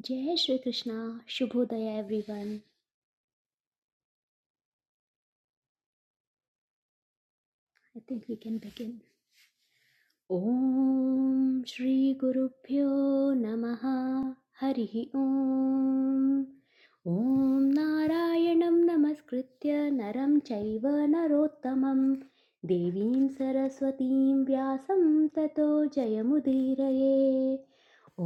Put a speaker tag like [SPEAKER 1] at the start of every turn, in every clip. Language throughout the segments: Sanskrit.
[SPEAKER 1] Jai Shri Krishna, Shubhodaya everyone. I think we can begin. ॐ श्रीगुरुभ्यो नमः हरिः ॐ ॐ नारायणं नमस्कृत्य नरं चैव नरोत्तमं देवीं सरस्वतीं व्यासं ततो जयमुदीरये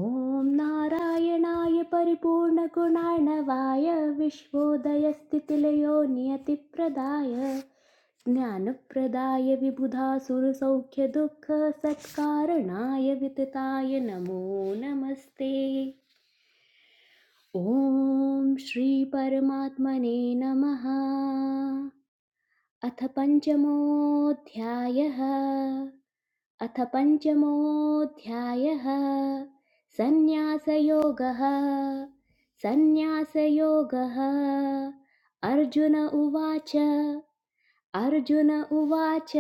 [SPEAKER 1] ॐ नारायणाय परिपूर्णगुणार्णवाय विश्वोदयस्थितिलयो नियतिप्रदाय ज्ञानप्रदाय विबुधासुरसौख्यदुःखसत्कारणाय वितताय नमो नमस्ते ॐ श्रीपरमात्मने नमः अथ पञ्चमोऽध्यायः अथ पञ्चमोऽध्यायः सन्न्यासयोगः सन्न्यासयोगः अर्जुन उवाच अर्जुन उवाच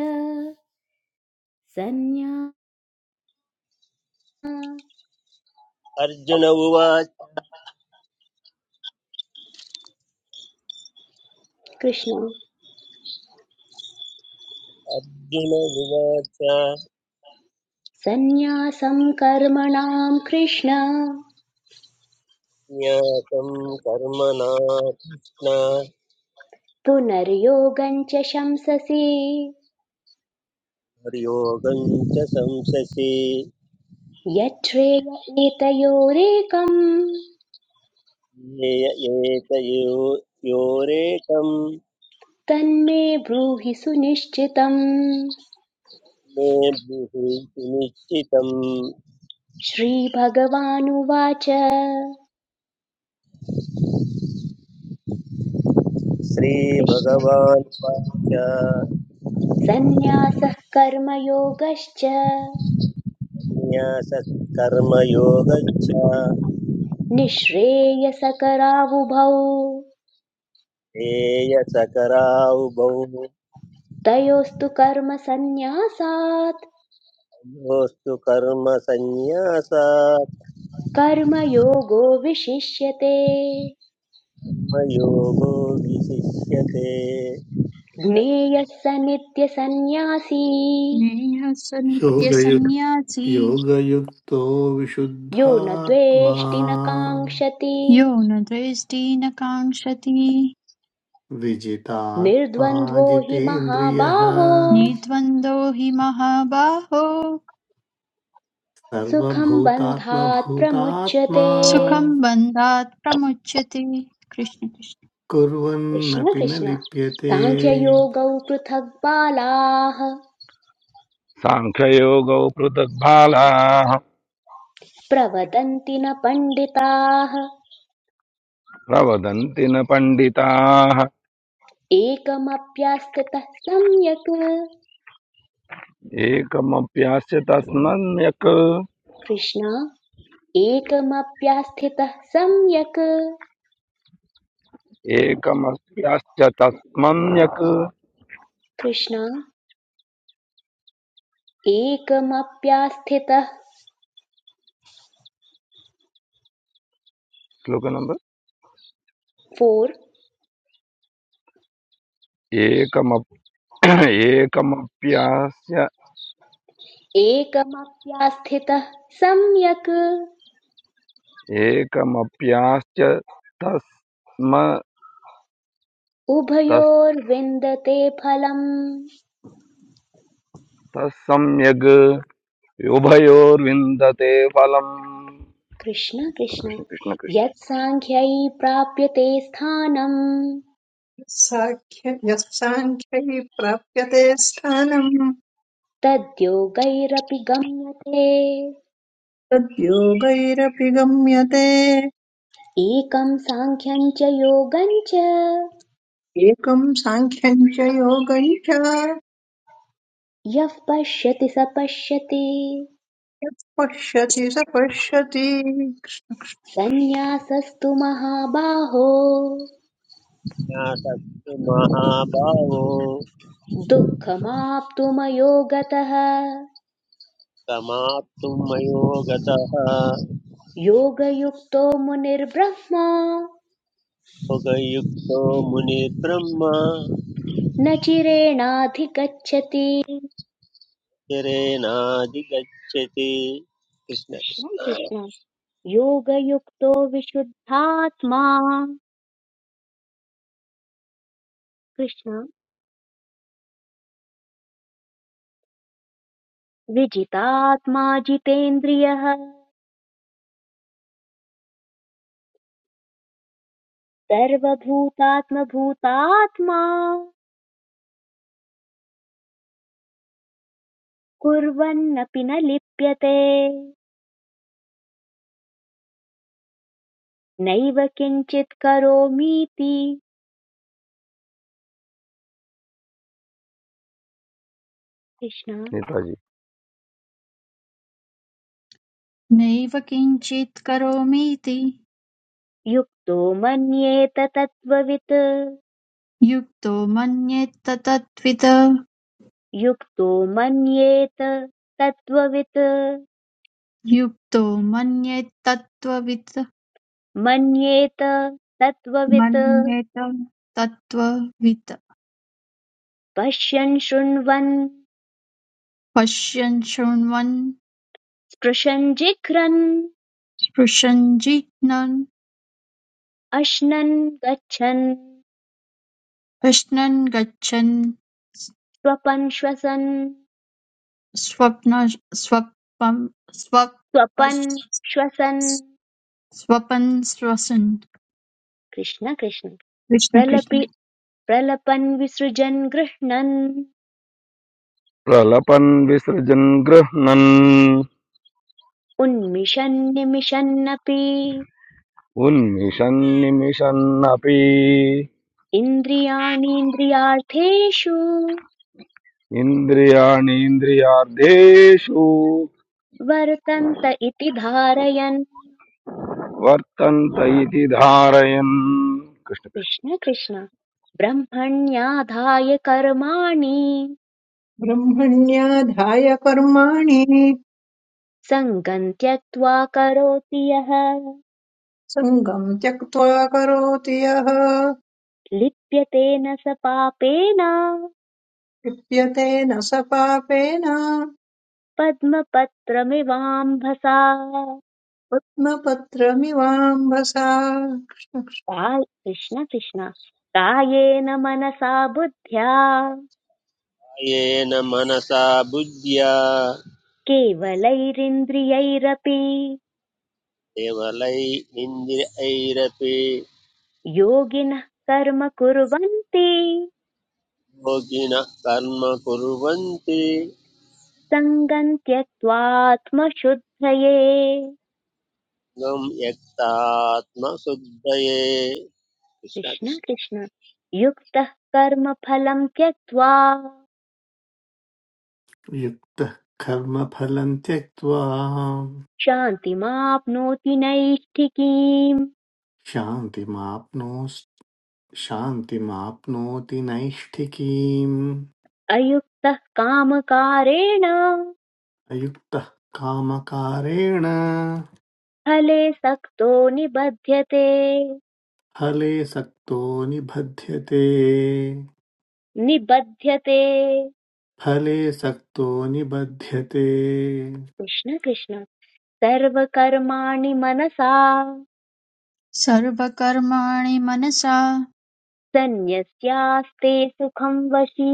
[SPEAKER 1] सन्न्या
[SPEAKER 2] अर्जुन उवाच
[SPEAKER 1] कृष्ण
[SPEAKER 2] अर्जुन उवाच
[SPEAKER 1] सन्न्यासं कर्मणां कृष्ण
[SPEAKER 2] ज्ञातं कर्मणा कृष्ण
[SPEAKER 1] पुनर्योगं च शंससि
[SPEAKER 2] हरियोगं च संससि
[SPEAKER 1] यच्छ्रेय एतयोरेकम्
[SPEAKER 2] ये- एतयो योरेकं
[SPEAKER 1] तन्मे ब्रूहि सुनिश्चितम्
[SPEAKER 2] मे ब्रुहि सुनिश्चितम्
[SPEAKER 1] श्रीभगवानुवाच कृष्ण
[SPEAKER 2] श्रीभगवान् वाच
[SPEAKER 1] सन्न्यासः कर्मयोगश्च
[SPEAKER 2] न्यासत्कर्मयोगच्छ
[SPEAKER 1] निःश्रेयसकरावुभौ
[SPEAKER 2] हेयसकरावुभौ
[SPEAKER 1] तयोस्तु कर्म सन्न्यासात्
[SPEAKER 2] योस्तु कर्म संन्यासा
[SPEAKER 1] कर्मयोगो विशिष्यते
[SPEAKER 2] कर्मयोगो विशिष्यते
[SPEAKER 1] ज्ञेयः स नित्यसन्न्यासी
[SPEAKER 3] नेहः स
[SPEAKER 4] योगयुक्
[SPEAKER 3] नित्यसन्न्यासी
[SPEAKER 4] योगयुक्तो
[SPEAKER 1] यो न
[SPEAKER 4] विशुद्धात्मा
[SPEAKER 1] द्वेष्टि न काङ्क्षति
[SPEAKER 3] यो न द्वेष्टि न काङ्क्षति
[SPEAKER 4] विजितात्मा
[SPEAKER 1] निर्द्वन्द्वो हि
[SPEAKER 4] जितेन्द्रियः
[SPEAKER 1] महाबाहो
[SPEAKER 3] निर्द्वन्द्वो हि महाबाहो
[SPEAKER 4] सर्वभूतात्मभूतात्मा
[SPEAKER 1] सुखं बन्धात् प्रमुच्यते
[SPEAKER 3] सुखं बन्धात् प्रमुच्यते कृष्ण कृष्ण
[SPEAKER 1] कृष्ण
[SPEAKER 4] कुर्वन्नपि न
[SPEAKER 1] कृष्ण
[SPEAKER 4] लिप्यते
[SPEAKER 1] साङ्ख्ययोगौ पृथक् बालाः
[SPEAKER 5] साङ्ख्ययोगौ पृथग्भालाः
[SPEAKER 1] प्रवदन्ति न पण्डिताः
[SPEAKER 5] प्रवदन्ति न पण्डिताः
[SPEAKER 1] एकमप्यास्थितः सम्यक्
[SPEAKER 5] एकमप्यास्य तस्मन्यक्
[SPEAKER 1] कृष्ण एकमप्यास्थितः सम्यक्
[SPEAKER 5] एकमप्यास्य तस्मन्यक्
[SPEAKER 1] कृष्ण एकमप्यास्थितः
[SPEAKER 5] श्लोक नंबर
[SPEAKER 1] फोर्
[SPEAKER 5] एकमप् एकमप्यास्य
[SPEAKER 1] एकमप्यास्थितः सम्यक्
[SPEAKER 5] एकमप्यास्य तस्म तस्
[SPEAKER 1] उभयोर्विन्दते फलम्
[SPEAKER 5] तस्सम्यग् उभयोर्विन्दते फलम्
[SPEAKER 1] कृष्ण कृष्ण
[SPEAKER 5] कृष्ण कृष्ण कृष्ण
[SPEAKER 1] यत्साङ्ख्यै प्राप्यते स्थानम्
[SPEAKER 6] साख्य यः साङ्ख्यैः प्राप्यते स्थानम्
[SPEAKER 1] तद्योगैरपि गम्यते
[SPEAKER 6] तद्योगैरपि गम्यते
[SPEAKER 1] एकं साङ्ख्यं च योगं च
[SPEAKER 6] एकं साङ्ख्यं च योगं च
[SPEAKER 1] यः पश्यति स पश्यति
[SPEAKER 6] यः पश्यति स पश्यति
[SPEAKER 1] सन्न्यासस्तु महाबाहो
[SPEAKER 2] सन्न्यासस्तु महाभावो
[SPEAKER 1] दुःखमाप्तुमयो
[SPEAKER 2] समाप्तुं मयो गतः
[SPEAKER 1] योगयुक्तो मुनिर्ब्रह्मा
[SPEAKER 2] भोगयुक्तो मुनिर्ब्रह्म
[SPEAKER 1] न चिरेणाधिगच्छति
[SPEAKER 2] शरेणाधिगच्छति कृष्ण
[SPEAKER 1] कृष्ण
[SPEAKER 2] कृष्ण
[SPEAKER 1] कृष्ण योगयुक्तो विशुद्धात्मा कृष्ण विजितात्मा जितेन्द्रियः सर्वभूतात्मभूतात्मा कुर्वन्नपि न लिप्यते नैव किञ्चित् करोमीति कृष्ण
[SPEAKER 5] नेताजी
[SPEAKER 3] नैव किञ्चित् करोमीति
[SPEAKER 1] युक्तो मन्येत तत्त्ववित्
[SPEAKER 3] युक्तो मन्येत्तत्वित्
[SPEAKER 1] युक्तो मन्येत तत्त्ववित्
[SPEAKER 3] युक्तो मन्येत्तत्त्ववित्
[SPEAKER 1] मन्येत तत्त्ववित्
[SPEAKER 3] मन्येत तत्त्ववित्
[SPEAKER 1] पश्यन् शृण्वन्
[SPEAKER 3] पश्यन् शृण्वन्
[SPEAKER 1] स्पृशन् जिघ्रन्
[SPEAKER 3] स्पृशन् जिघ्नन्
[SPEAKER 1] अश्नन् गच्छन्
[SPEAKER 3] प्रश्नन् गच्छन्
[SPEAKER 1] स्वपन् श्वसन्
[SPEAKER 3] स्वप्न स्वपम
[SPEAKER 1] स्वपन्
[SPEAKER 3] स्वपश्-
[SPEAKER 1] श्वसन्
[SPEAKER 3] स्वपन्श्वसन्
[SPEAKER 1] कृष्ण कृष्ण
[SPEAKER 3] कृष्ण कृष्ण
[SPEAKER 1] प्रलपि प्रलपन् विसृजन् गृह्णन्
[SPEAKER 5] प्रलपन् विसृजन् गृह्णन्
[SPEAKER 1] उन्मिषन्निमिषन्नपि
[SPEAKER 5] उन्मिषन्निमिषन्नपि
[SPEAKER 1] इन्द्रियाणीन्द्रियार्थेषु
[SPEAKER 5] इन्द्रियाणीन्द्रियार्थेषु
[SPEAKER 1] वर्तन्त इति धारयन्
[SPEAKER 5] वर्तन्त इति धारयन् कृष्ण कृष्ण
[SPEAKER 1] कृष्ण कृष्ण ब्रह्मण्याधाय कर्माणि
[SPEAKER 6] ब्रह्मण्याधाय कर्माणि
[SPEAKER 1] सङ्गम् त्यक्त्वा करोति यः
[SPEAKER 6] सङ्गं त्यक्त्वा करोति यः
[SPEAKER 1] लिप्यते न स पापेन
[SPEAKER 6] लिप्यते न स पापेन
[SPEAKER 1] पद्मपत्रमिवाम्भसा
[SPEAKER 6] पद्मपत्रमिवाम्भसा
[SPEAKER 1] काय कृष्ण कृष्ण कायेन मनसा बुद्ध्या
[SPEAKER 2] येन मनसा बुद्ध्या
[SPEAKER 1] केवलैरिन्द्रियैरपि
[SPEAKER 2] केवलै इन्द्रियैरपि
[SPEAKER 1] योगिनः कर्म कुर्वन्ति
[SPEAKER 2] भोगिनः कर्म कुर्वन्ति
[SPEAKER 1] सङ्गम् त्यक्त्वात्मशुद्धये
[SPEAKER 2] गं यक्तात्मशुद्धये कृष्ण
[SPEAKER 1] कृष्ण
[SPEAKER 2] कृष्ण
[SPEAKER 1] कृष्ण युक्तः कर्म फलम् त्यक्त्वा
[SPEAKER 4] युक्तः कर्मफलम् त्यक्त्वा
[SPEAKER 1] शान्तिमाप्नोति नैष्ठिकीम्
[SPEAKER 4] शान्तिमाप्नो शान्तिमाप्नोति नैष्ठिकीम्
[SPEAKER 1] अयुक्तः कामकारेण
[SPEAKER 4] अयुक्तः कामकारेण
[SPEAKER 1] फले सक्तो निबध्यते
[SPEAKER 4] फले सक्तो निबध्यते
[SPEAKER 1] निबध्यते
[SPEAKER 4] फले सक्तो निबध्यते
[SPEAKER 1] कृष्ण कृष्ण सर्वकर्माणि मनसा
[SPEAKER 3] सर्वकर्माणि मनसा
[SPEAKER 1] सन्न्यस्यास्ते सुखं वशी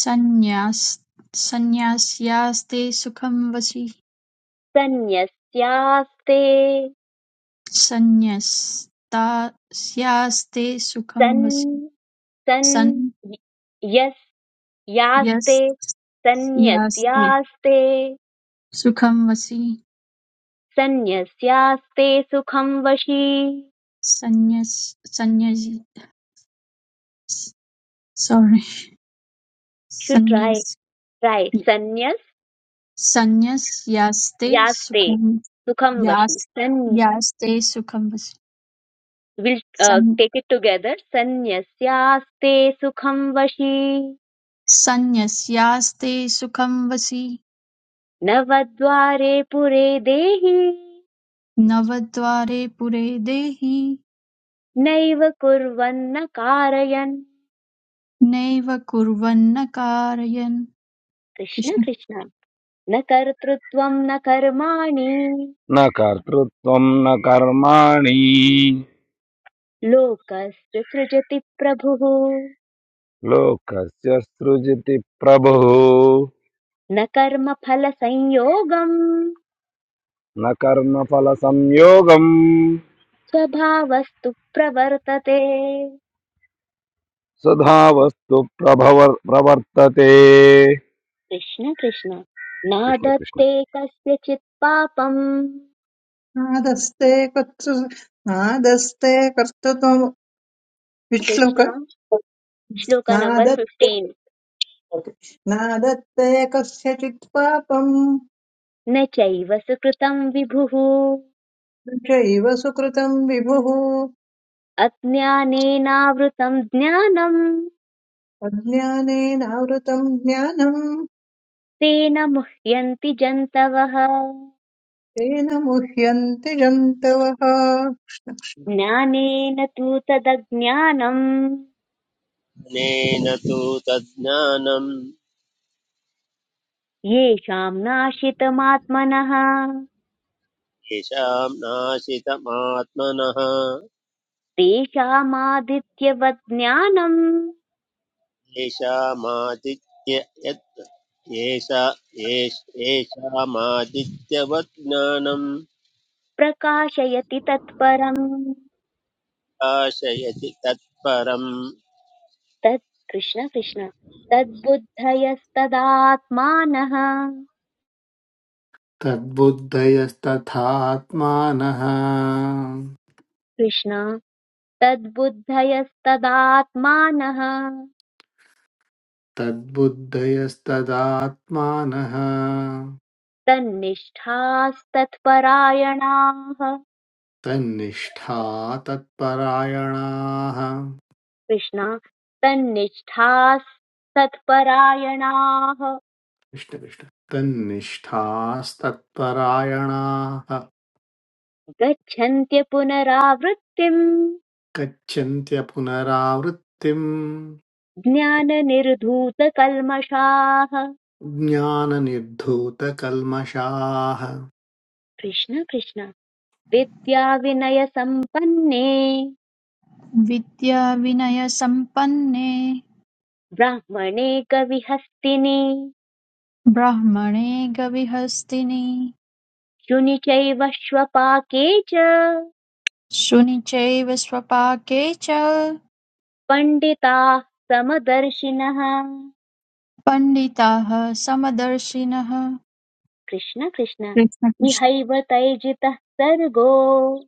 [SPEAKER 3] सन्न्यास् सन्न्यास्यास्ते सुखं वसि
[SPEAKER 1] सन्न्यस्यास्ते
[SPEAKER 3] सन्न्यस्तास्यास्ते सुखं
[SPEAKER 1] सन्
[SPEAKER 3] वसि
[SPEAKER 1] सन् यस् यास्ते
[SPEAKER 3] सन्न्यस्यास्ते
[SPEAKER 1] सन्न्यस्यास्ते
[SPEAKER 3] सुखं वसि
[SPEAKER 1] सन्न्यस्यास्ते सुखं वशी
[SPEAKER 3] सन्न्यस् सन्न्यस् सॉरी
[SPEAKER 1] शुड ट्राई
[SPEAKER 3] संन्यास
[SPEAKER 1] ट्राई सन्न्यस
[SPEAKER 3] संन्यस्यास्ते
[SPEAKER 1] यास्ते
[SPEAKER 3] सुखं
[SPEAKER 1] सुखं वशी
[SPEAKER 3] यास्
[SPEAKER 1] सन्
[SPEAKER 3] यास्ते सुखं वसि
[SPEAKER 1] विल
[SPEAKER 3] सं-
[SPEAKER 1] टेक इट टुगेदर सन्न्यस्यास्ते सुखं वशी
[SPEAKER 3] संन्यस्यास्ते सुखं वसि
[SPEAKER 1] नवद्वारे पुरे देहि
[SPEAKER 3] नवद्वारे पुरे देहि
[SPEAKER 1] नैव कुर्वन्न कारयन्
[SPEAKER 3] नैव कुर्वन्न कारयन्
[SPEAKER 1] कृष्ण
[SPEAKER 3] कृष्ण
[SPEAKER 1] कृष्ण न कर्तृत्वं न कर्माणि
[SPEAKER 5] न कर्तृत्वं न कर्माणि
[SPEAKER 1] लोकस्य सृजति प्रभुः
[SPEAKER 5] लोकस्य सृजति प्रभुः
[SPEAKER 1] न कर्मफलसंयोगम्
[SPEAKER 5] न कर्मफलसंयोगम्
[SPEAKER 1] स्वभावस्तु प्रवर्तते
[SPEAKER 5] सदावस्तु प्रभव प्रवर्तते
[SPEAKER 1] कृष्ण कृष्ण
[SPEAKER 5] कृष्ण कृष्ण
[SPEAKER 1] नादत्ते कस्यचित् पापम्
[SPEAKER 6] कृष्णकृष्णादस्ते कर्तृ नादस्ते कर्तृत्वम् Which sloka?
[SPEAKER 1] Krishna shloka number
[SPEAKER 6] नादत्ते
[SPEAKER 1] फिफ्टीन्
[SPEAKER 6] okay. नादत्ते कस्यचित् पापम्
[SPEAKER 1] न चैव सुकृतं विभुः
[SPEAKER 6] न चैव सुकृतम् विभुः
[SPEAKER 1] अज्ञानेनावृतं ज्ञानम्
[SPEAKER 6] अज्ञानेनावृतम् ज्ञानम्
[SPEAKER 1] तेन मुह्यन्ति जन्तवः
[SPEAKER 6] तेन मुह्यन्ति जन्तवः
[SPEAKER 1] ज्ञानेन तु तदज्ञानम्
[SPEAKER 2] ज्ञानेन तु तज्ज्ञानं
[SPEAKER 1] येषाम् नाशितमात्मनः
[SPEAKER 2] येषां नाशितमात्मनः
[SPEAKER 1] तेषामादित्यवत् ज्ञानम्
[SPEAKER 2] येषामादित्य यत् येषा येषामादित्यवत् ज्ञानं
[SPEAKER 1] प्रकाशयति तत्परम्
[SPEAKER 2] प्रकाशयति तत्परम्
[SPEAKER 1] तत् कृष्ण कृष्ण तद्बुद्धयस्तदात्मानः
[SPEAKER 4] तद्बुद्धयस्तथात्मानः
[SPEAKER 1] कृष्ण तद्बुद्धयस्तदात्मानः
[SPEAKER 4] तद्बुद्धयस्तदात्मानः
[SPEAKER 1] तन्निष्ठास्तत्परायणाः
[SPEAKER 4] तन्निष्ठा तत्परायणाः
[SPEAKER 1] कृष्णा तन्निष्ठाः सत्परायणाः
[SPEAKER 4] कृष्णकृष्ण तन्निष्ठास्तत्परायणाः
[SPEAKER 1] गच्छन्त्य पुनरावृत्तिम्
[SPEAKER 4] गच्छन्त्यपुनरावृत्तिम्
[SPEAKER 1] ज्ञाननिर्धूतकल्मषाः
[SPEAKER 4] ज्ञाननिर्धूतकल्मषाः
[SPEAKER 1] कृष्ण कृष्ण विद्याविनयसम्पन्ने
[SPEAKER 3] विद्याविनयसम्पन्ने
[SPEAKER 1] ब्राह्मणे कविहस्तिने
[SPEAKER 3] ब्राह्मणे गविहस्तिनि
[SPEAKER 1] शुनि चैव श्वपाके च
[SPEAKER 3] शुनिचैव स्वपाके च
[SPEAKER 1] पण्डिताः समदर्शिनः
[SPEAKER 3] पण्डिताः समदर्शिनः
[SPEAKER 1] कृष्ण कृष्ण
[SPEAKER 3] कृष्ण
[SPEAKER 1] इहैव तैजितः सर्गो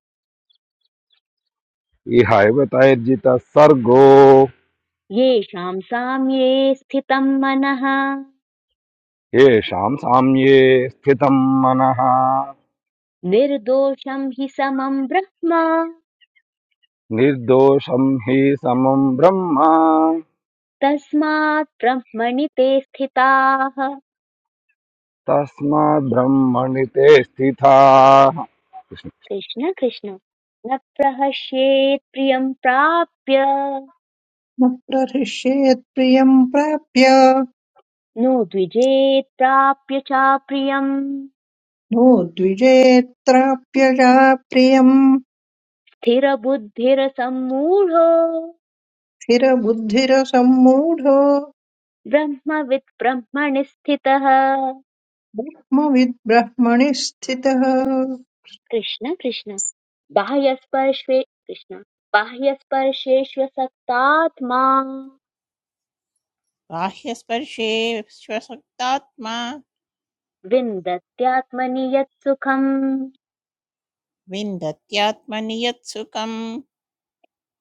[SPEAKER 5] इहैव तैर्जितः सर्गो
[SPEAKER 1] येषाम् साम्ये स्थितम् मनः
[SPEAKER 5] येषाम् साम्ये स्थितम् मनः
[SPEAKER 1] निर्दोषम् हि समम् ब्रह्म
[SPEAKER 5] निर्दोषम् हि समम् ब्रह्म
[SPEAKER 1] तस्मात् ब्रह्मणि ते स्थिताः
[SPEAKER 5] तस्मात् ब्रह्मणि ते स्थिताः कृष्णमोति
[SPEAKER 1] कृष्ण कृष्ण न प्रहस्येत् प्रियम् प्राप्य
[SPEAKER 6] न प्रहृष्येत् प्रियम् प्राप्य
[SPEAKER 1] नो द्विजेत् प्राप्य च प्रियम्
[SPEAKER 6] नो द्विजेत्राप्य च प्रियम्
[SPEAKER 1] स्थिरबुद्धिरसम्मूढो
[SPEAKER 6] स्थिरबुद्धिरसम्मूढो
[SPEAKER 1] ब्रह्मवित् ब्रह्मणि स्थितः
[SPEAKER 6] ब्रह्मविद् ब्रह्मणि स्थितः
[SPEAKER 1] कृष्ण कृष्ण बाह्यस्पर्शे कृष्ण बाह्यस्पर्शेष्वसक्तात्मा
[SPEAKER 7] बाह्यस्पर्शे श्वसक्तात्मा
[SPEAKER 1] विन्दत्यात्मनि यत्सुखम्
[SPEAKER 7] विन्दत्यात्मनि यत्सुखम्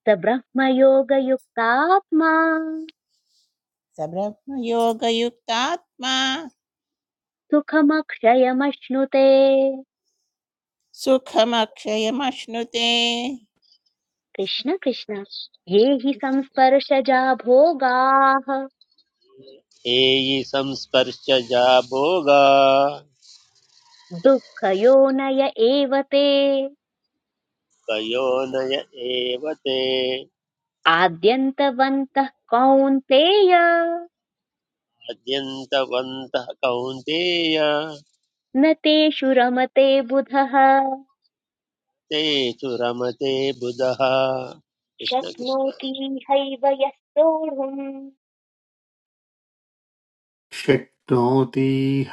[SPEAKER 1] स ब्रह्मयोगयुक्तात्मा
[SPEAKER 7] स ब्रह्मयोगयुक्तात्मा
[SPEAKER 1] सुखमक्षयमश्नुते
[SPEAKER 7] सुखमक्षयमश्नुते
[SPEAKER 1] कृष्ण कृष्ण ये हि संस्पर्शजा भोगाः
[SPEAKER 2] ये संस्पर्शजा भोगा
[SPEAKER 1] दुःखयोनय एव ते
[SPEAKER 2] कयोनय एव ते
[SPEAKER 1] आद्यन्तवन्तः कौन्तेय
[SPEAKER 2] अद्यन्तवन्तः कौन्तेय
[SPEAKER 1] न तेषु रमते बुधः
[SPEAKER 2] ते तु रमते बुधः कृष्ण कृष्ण
[SPEAKER 1] शक्नोति हैव यः सोढुम्
[SPEAKER 4] शक्नोति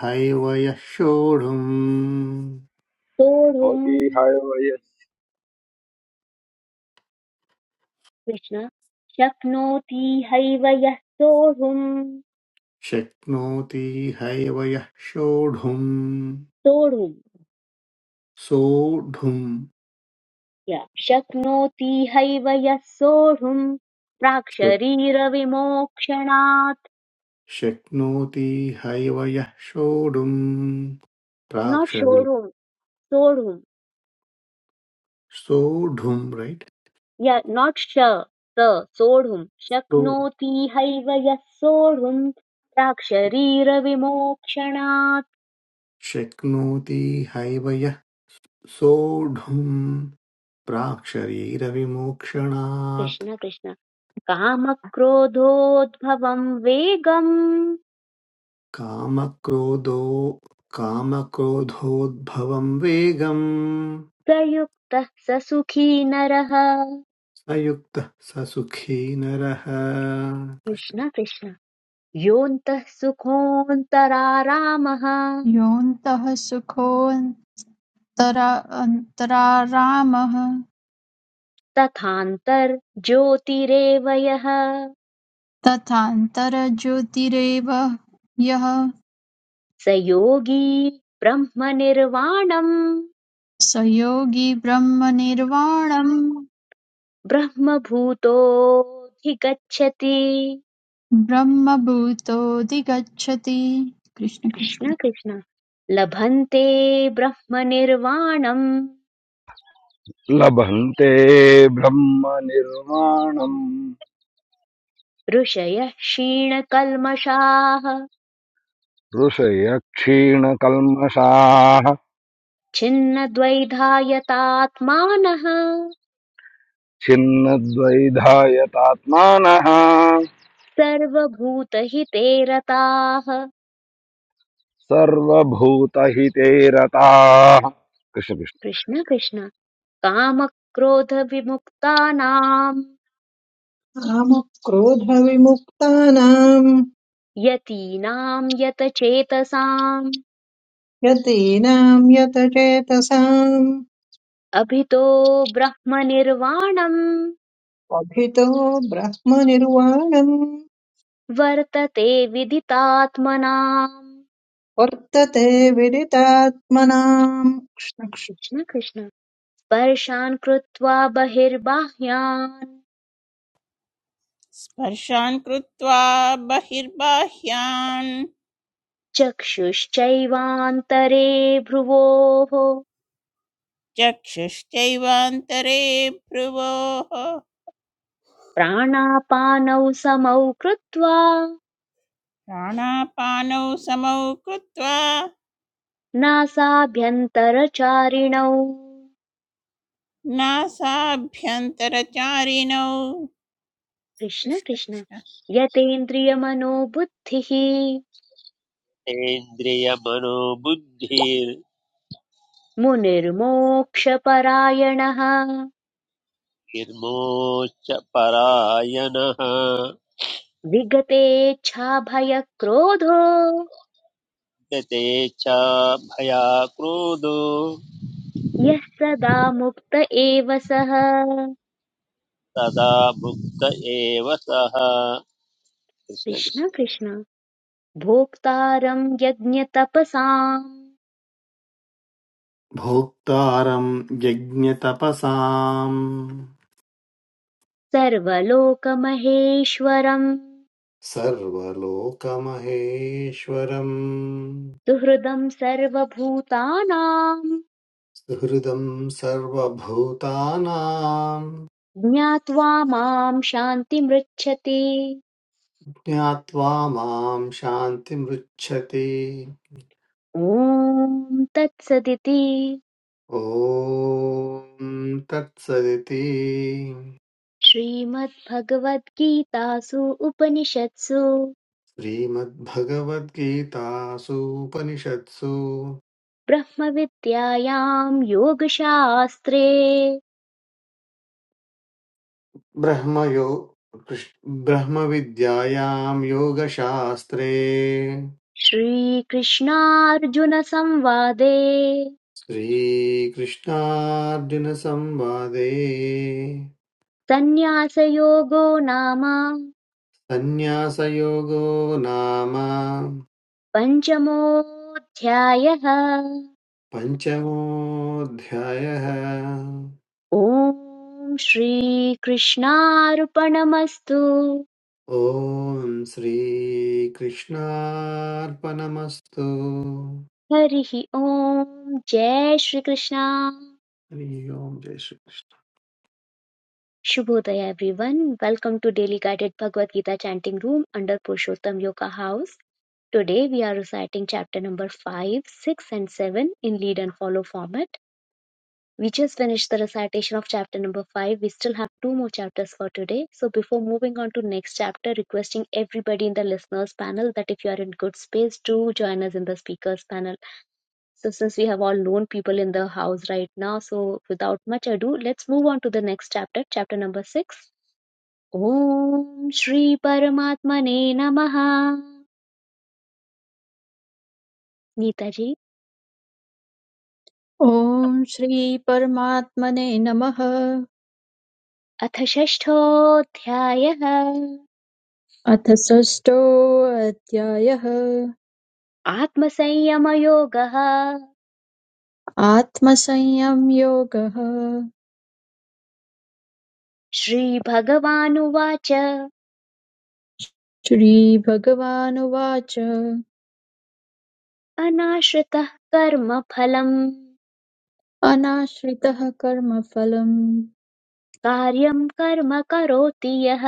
[SPEAKER 4] हैव यः सोढुम्
[SPEAKER 1] सोढुम्
[SPEAKER 5] हयवयस्
[SPEAKER 1] कृष्ण शक्नोति हैव यः सोढुम्
[SPEAKER 4] शक्नोति हैव यः सोढुम्
[SPEAKER 1] सोढुम्
[SPEAKER 4] सोढुम्
[SPEAKER 1] या शक्नोति हैव यः सोढुम् प्राक्
[SPEAKER 4] शक्-
[SPEAKER 1] शरीरविमोक्षणात्
[SPEAKER 4] शक्नोति हैव यः सोढुम्
[SPEAKER 1] नाट्
[SPEAKER 4] प्राक्षरि
[SPEAKER 1] शोढुम् सोढुम्
[SPEAKER 4] सोढुम् रैट्
[SPEAKER 1] य नाट् श स सोढुम्
[SPEAKER 4] सो
[SPEAKER 1] शक्नोति हैव यः सोढुम् प्राक् शरीरविमोक्षणात्
[SPEAKER 4] शक्नोति हैव यः सोढुम् प्राक्शरीरविमोक्षणात्
[SPEAKER 1] कृष्ण कृष्ण कामक्रोधोद्भवं वेगं
[SPEAKER 4] कामक्रोधो कामक्रोधोद्भवं वेगं
[SPEAKER 1] प्रयुक्तः स सुखी नरः
[SPEAKER 4] स युक्तः स सुखी नरः कृष्ण।
[SPEAKER 1] कृष्ण कृष्ण योऽन्तः सुखोऽन्तरारामः
[SPEAKER 3] योऽन्तः सुखोऽन्तरारामः
[SPEAKER 1] तथान्तर्ज्योतिरेव यः
[SPEAKER 3] तथान्तर्ज्योतिरेव यः
[SPEAKER 1] स योगी ब्रह्मनिर्वाणम्
[SPEAKER 3] स योगी ब्रह्मनिर्वाणं
[SPEAKER 1] ब्रह्मभूतोऽधिगच्छति
[SPEAKER 3] ब्रह्मभूतोऽधिगच्छति कृष्ण कृष्ण
[SPEAKER 1] कृष्ण कृष्ण लभन्ते ब्रह्मनिर्वाणम्
[SPEAKER 5] लभन्ते ब्रह्म निर्माणम्
[SPEAKER 1] ऋषयः क्षीणकल्मषाः
[SPEAKER 5] ऋषय क्षीणकल्मषाः
[SPEAKER 1] छिन्नद्वैधायतात्मानः
[SPEAKER 5] छिन्नद्वैधायतात्मानः
[SPEAKER 1] सर्वभूतहिते रताः
[SPEAKER 5] सर्वभूतहिते रताः कृष्ण
[SPEAKER 1] कृष्ण कृष्ण कामक्रोधविमुक्तानाम्
[SPEAKER 6] कामक्रोधविमुक्तानाम्
[SPEAKER 1] यतीनाम् यतचेतसाम्
[SPEAKER 6] यतीनां यतचेतसाम्
[SPEAKER 1] अभितो ब्रह्मनिर्वाणम्
[SPEAKER 6] अभितो ब्रह्मनिर्वाणम्
[SPEAKER 1] वर्तते विदितात्मनाम्
[SPEAKER 6] वर्तते विदितात्मनाम्
[SPEAKER 1] कृष्ण कृष्ण स्पर्शान् कृत्वा बहिर्बाह्यान्
[SPEAKER 7] स्पर्शान् कृत्वा बहिर्बाह्यान्
[SPEAKER 1] चक्षुश्चैवान्तरे भ्रुवोः
[SPEAKER 7] चक्षुश्चैवान्तरे भ्रुवोः
[SPEAKER 1] प्राणापानौ समौ कृत्वा
[SPEAKER 7] प्राणापानौ समौ कृत्वा
[SPEAKER 1] नासाभ्यन्तरचारिणौ
[SPEAKER 7] नासाभ्यन्तरचारिणौ
[SPEAKER 1] कृष्ण
[SPEAKER 7] कृष्ण
[SPEAKER 1] कृष्ण
[SPEAKER 7] कृष्ण
[SPEAKER 1] यतेन्द्रियमनोबुद्धिः
[SPEAKER 2] इन्द्रियमनोबुद्धिर्निर्मोच
[SPEAKER 1] मुनिर्मोक्षपरायणः
[SPEAKER 2] परायणः
[SPEAKER 1] विगतेच्छाभयक्रोधो
[SPEAKER 2] गते च भया क्रोधो
[SPEAKER 1] यः सदा मुक्त एव सः
[SPEAKER 2] तदा मुक्त एव सः कृष्ण
[SPEAKER 1] कृष्ण
[SPEAKER 2] कृष्ण
[SPEAKER 1] कृष्ण भोक्तारम् यज्ञतपसाम्
[SPEAKER 4] भोक्तारं यज्ञतपसाम्
[SPEAKER 1] सर्वलोकमहेश्वरम्
[SPEAKER 4] सर्वलोकमहेश्वरम्
[SPEAKER 1] सुहृदं सर्वभूतानां
[SPEAKER 4] सुहृदं सर्वभूतानां
[SPEAKER 1] ज्ञात्वा मां शान्तिमृच्छति
[SPEAKER 4] ज्ञात्वा मां शान्तिमृच्छति
[SPEAKER 1] ॐ तत्सदिति
[SPEAKER 4] ॐ तत्सदिति
[SPEAKER 1] श्रीमद्भगवद्गीतासु उपनिषत्सु
[SPEAKER 4] श्रीमद्भगवद्गीतासूपनिषत्सु
[SPEAKER 1] ब्रह्मविद्यायां योगशास्त्रे
[SPEAKER 4] ब्रह्मयो कृष्- ब्रह्मविद्यायां योगशास्त्रे
[SPEAKER 1] श्रीकृष्णार्जुनसंवादे
[SPEAKER 4] श्रीकृष्णार्जुनसंवादे
[SPEAKER 1] सन्न्यासयोगो नाम
[SPEAKER 4] सन्न्यासयोगो नाम
[SPEAKER 1] पञ्चमोऽध्यायः
[SPEAKER 4] पञ्चमोऽध्यायः
[SPEAKER 1] ॐ श्रीकृष्णार्पणमस्तु
[SPEAKER 4] ॐ श्रीकृष्णार्पणमस्तु
[SPEAKER 1] हरिः ॐ जय श्रीकृष्णा
[SPEAKER 4] हरि ओम् जय Shri Krishna
[SPEAKER 1] Shubhodaya everyone. Welcome to Daily Guided Bhagavad Gita Chanting Room under Purushottam Yoga House. Today we are reciting chapter number 5, 6 and 7 in lead and follow format. We just finished the recitation of chapter number 5. We still have two more chapters for today. So before moving on to next chapter, requesting everybody in the listeners panel that if you are in good space, do join us in the speakers panel. So since we have all known people in the house right now, so without much ado, let's move on to the next chapter, chapter number 6. Om Shri Paramatmane Namaha. Neetaji,
[SPEAKER 3] ॐ श्रीपरमात्मने नमः
[SPEAKER 1] अथ षष्ठोऽध्यायः
[SPEAKER 3] अथ षष्ठोऽध्यायः
[SPEAKER 1] आत्मसंयमयोगः
[SPEAKER 3] आत्मसंयमयोगः
[SPEAKER 1] श्रीभगवानुवाच
[SPEAKER 3] श्रीभगवानुवाच
[SPEAKER 1] अनाश्रितः कर्मफलम्
[SPEAKER 3] अनाश्रितः कर्मफलं
[SPEAKER 1] कार्यं कर्म करोति यः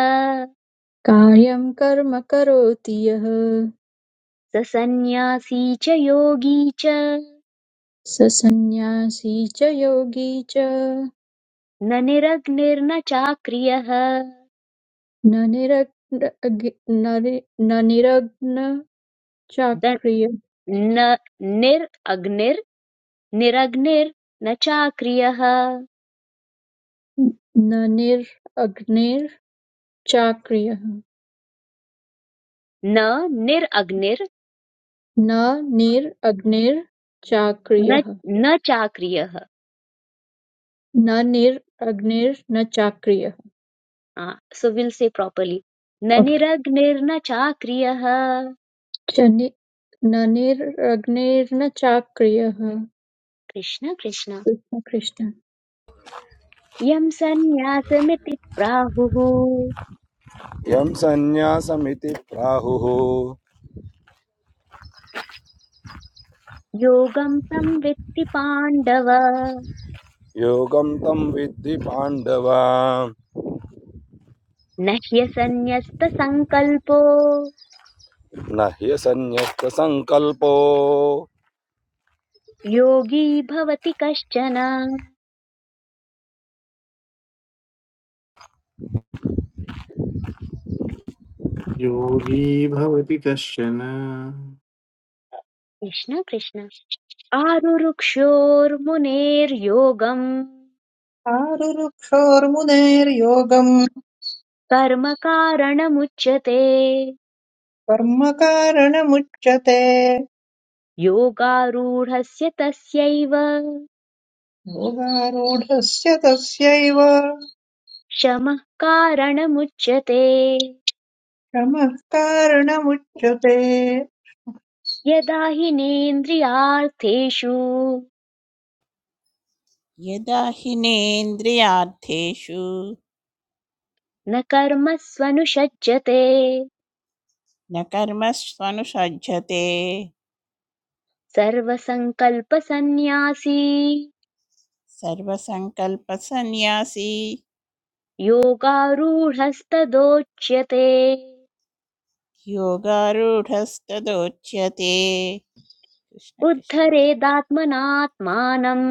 [SPEAKER 3] कार्यं कर्म करोति यः
[SPEAKER 1] स सन्न्यासी च योगी च
[SPEAKER 3] स सन्न्यासी च योगी च
[SPEAKER 1] न निरग्निर्न चाक्रियः
[SPEAKER 3] न निरग्न न नि- न निरग्न
[SPEAKER 1] द-
[SPEAKER 3] चाक्रिय
[SPEAKER 1] न निरग्निर् निरग्निर्न चाक्रियः
[SPEAKER 3] न निरग्निर्चाक्रियः
[SPEAKER 1] न निरग्निर्
[SPEAKER 3] न
[SPEAKER 1] न
[SPEAKER 3] निरग्निर्चाक्रियः
[SPEAKER 1] न चाक्रियः
[SPEAKER 3] न निरग्निर्न चाक्रियः
[SPEAKER 1] सो विल से प्रॉपर्ली न
[SPEAKER 3] ओके
[SPEAKER 1] निरग्निर्न चाक्रियः
[SPEAKER 3] च नि- न निरग्निर्न चाक्रियः
[SPEAKER 1] कृष्ण कृष्ण
[SPEAKER 3] कृष्ण कृष्ण
[SPEAKER 1] यं सन्न्यासमिति प्राहुः
[SPEAKER 5] यं सन्न्यासमिति प्राहुः
[SPEAKER 1] योगं तं वित्ति पाण्डव
[SPEAKER 5] योगं तं विद्धि पाण्डव
[SPEAKER 1] न ह्यसन्न्यस्तसङ्कल्पो
[SPEAKER 5] न ह्यसन्न्यस्तसङ्कल्पो
[SPEAKER 1] योगी भवति कश्चन
[SPEAKER 4] योगी भवति कश्चन
[SPEAKER 1] कृष्ण कृष्ण आरुरुक्षोर्मुनेर्योगम्
[SPEAKER 6] क्षारुरुक्षोर्मुनेर्योगम्
[SPEAKER 1] कर्म कारणमुच्यते
[SPEAKER 6] कर्म कारणमुच्यते
[SPEAKER 1] योगारूढस्य तस्यैव
[SPEAKER 6] योगारूढस्य तस्यैव
[SPEAKER 1] शमः कारणमुच्यते
[SPEAKER 6] क्षमः कारणमुच्यते
[SPEAKER 1] यदा हि नेन्द्रियार्थेषु
[SPEAKER 7] यदा हि नेन्द्रियार्थेषु
[SPEAKER 1] न कर्मस्वनुषज्यते
[SPEAKER 7] न कर्मस्वनुषज्जते
[SPEAKER 1] सर्वसङ्कल्पसन्न्यासी
[SPEAKER 7] सर्वसङ्कल्पसन्न्यासी
[SPEAKER 1] योगारूढस्तदोच्यते
[SPEAKER 7] योगारूढस्तदोच्यते कृष्ण कृष्ण
[SPEAKER 1] उद्धरेदात्मनात्मानम्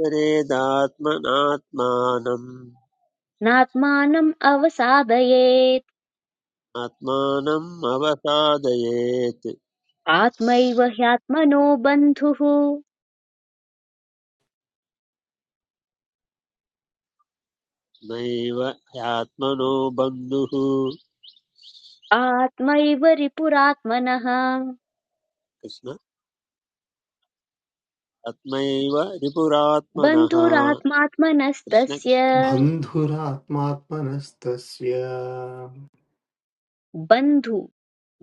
[SPEAKER 2] परेदात्मनात्मानम्
[SPEAKER 1] नात्मानम् अवसादयेत्
[SPEAKER 2] आत्मानम् अवसादयेत्
[SPEAKER 1] आत्मैव ह्यात्मनो बन्धुः
[SPEAKER 2] नैव ह्यात्मनो बन्धुः
[SPEAKER 1] आत्मैव रिपुरात्मनः
[SPEAKER 2] कृष्ण आत्मैव रिपुरात्मनः कृष्ण
[SPEAKER 1] बन्धुरात्मात्मनस्तस्य
[SPEAKER 2] कृष्ण
[SPEAKER 4] बन्धुरात्मात्मनस्तस्य
[SPEAKER 1] बन्धु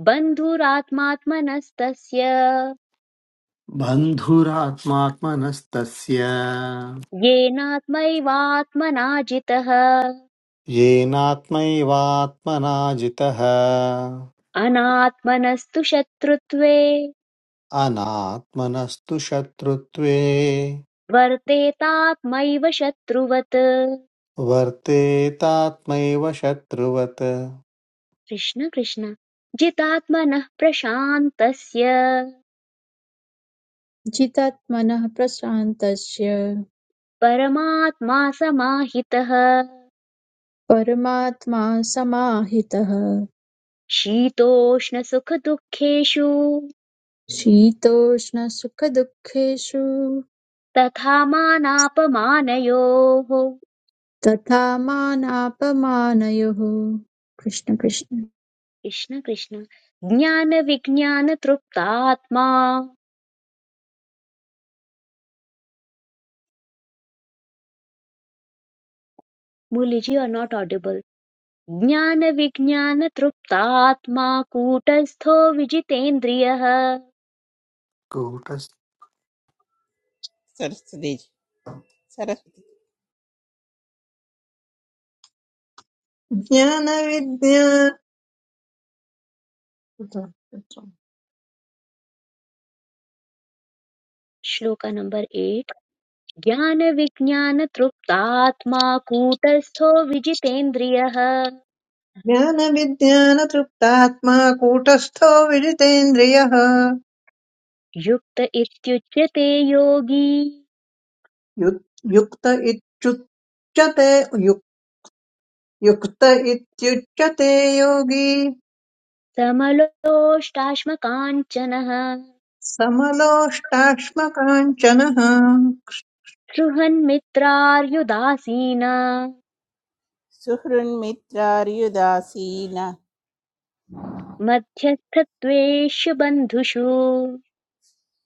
[SPEAKER 1] बन्धुरात्मात्मनस्तस्य
[SPEAKER 4] बन्धुरात्मात्मनस्तस्य
[SPEAKER 1] येनात्मैवात्मना
[SPEAKER 4] येनात्मैवात्मना जितः
[SPEAKER 1] अनात्मनस्तु शत्रुत्वे
[SPEAKER 4] अनात्मनस्तु शत्रुत्वे
[SPEAKER 1] वर्तेतात्मैव शत्रुवत्
[SPEAKER 4] वर्तेतात्मैव शत्रुवत्
[SPEAKER 1] कृष्ण कृष्ण जितात्मनः प्रशान्तस्य
[SPEAKER 3] जितात्मनः प्रशान्तस्य
[SPEAKER 1] परमात्मा समाहितः
[SPEAKER 3] परमात्मा समाहितः
[SPEAKER 1] शीतोष्णसुखदुःखेषु
[SPEAKER 3] शीतोष्णसुखदुःखेषु
[SPEAKER 1] तथा मानापमानयोः
[SPEAKER 3] तथा मानापमानयोः कृष्ण कृष्ण
[SPEAKER 1] कृष्ण कृष्ण ज्ञानविज्ञानतृप्तात्मा मुलिजि आर् नाट् audible ज्ञानविज्ञानतृप्तात्मा कूटस्थो विजितेन्द्रियः
[SPEAKER 4] कूटस्
[SPEAKER 7] सरस्वती जी- सरस्वती जी।
[SPEAKER 6] ज्ञानविद्या
[SPEAKER 1] श्लोक नंबर एट ज्ञानविज्ञानतृप्तात्मा कूटस्थो विजितेन्द्रियः
[SPEAKER 6] ज्ञानविज्ञानतृप्तात्मा कूटस्थो विजितेन्द्रियः
[SPEAKER 1] युक्त इत्युच्यते योगी
[SPEAKER 6] यु- युक्त इत्युच्यते यु- युक्त इत्युच्यते योगी
[SPEAKER 1] समलोष्टाश्मकाञ्चनः
[SPEAKER 6] समलोष्टाश्मकाञ्चनः
[SPEAKER 1] सृहन्मित्रार्युदासीन
[SPEAKER 7] सुहृन्मित्रार्युदासीन
[SPEAKER 1] मध्यस्थत्वेषु बन्धुषु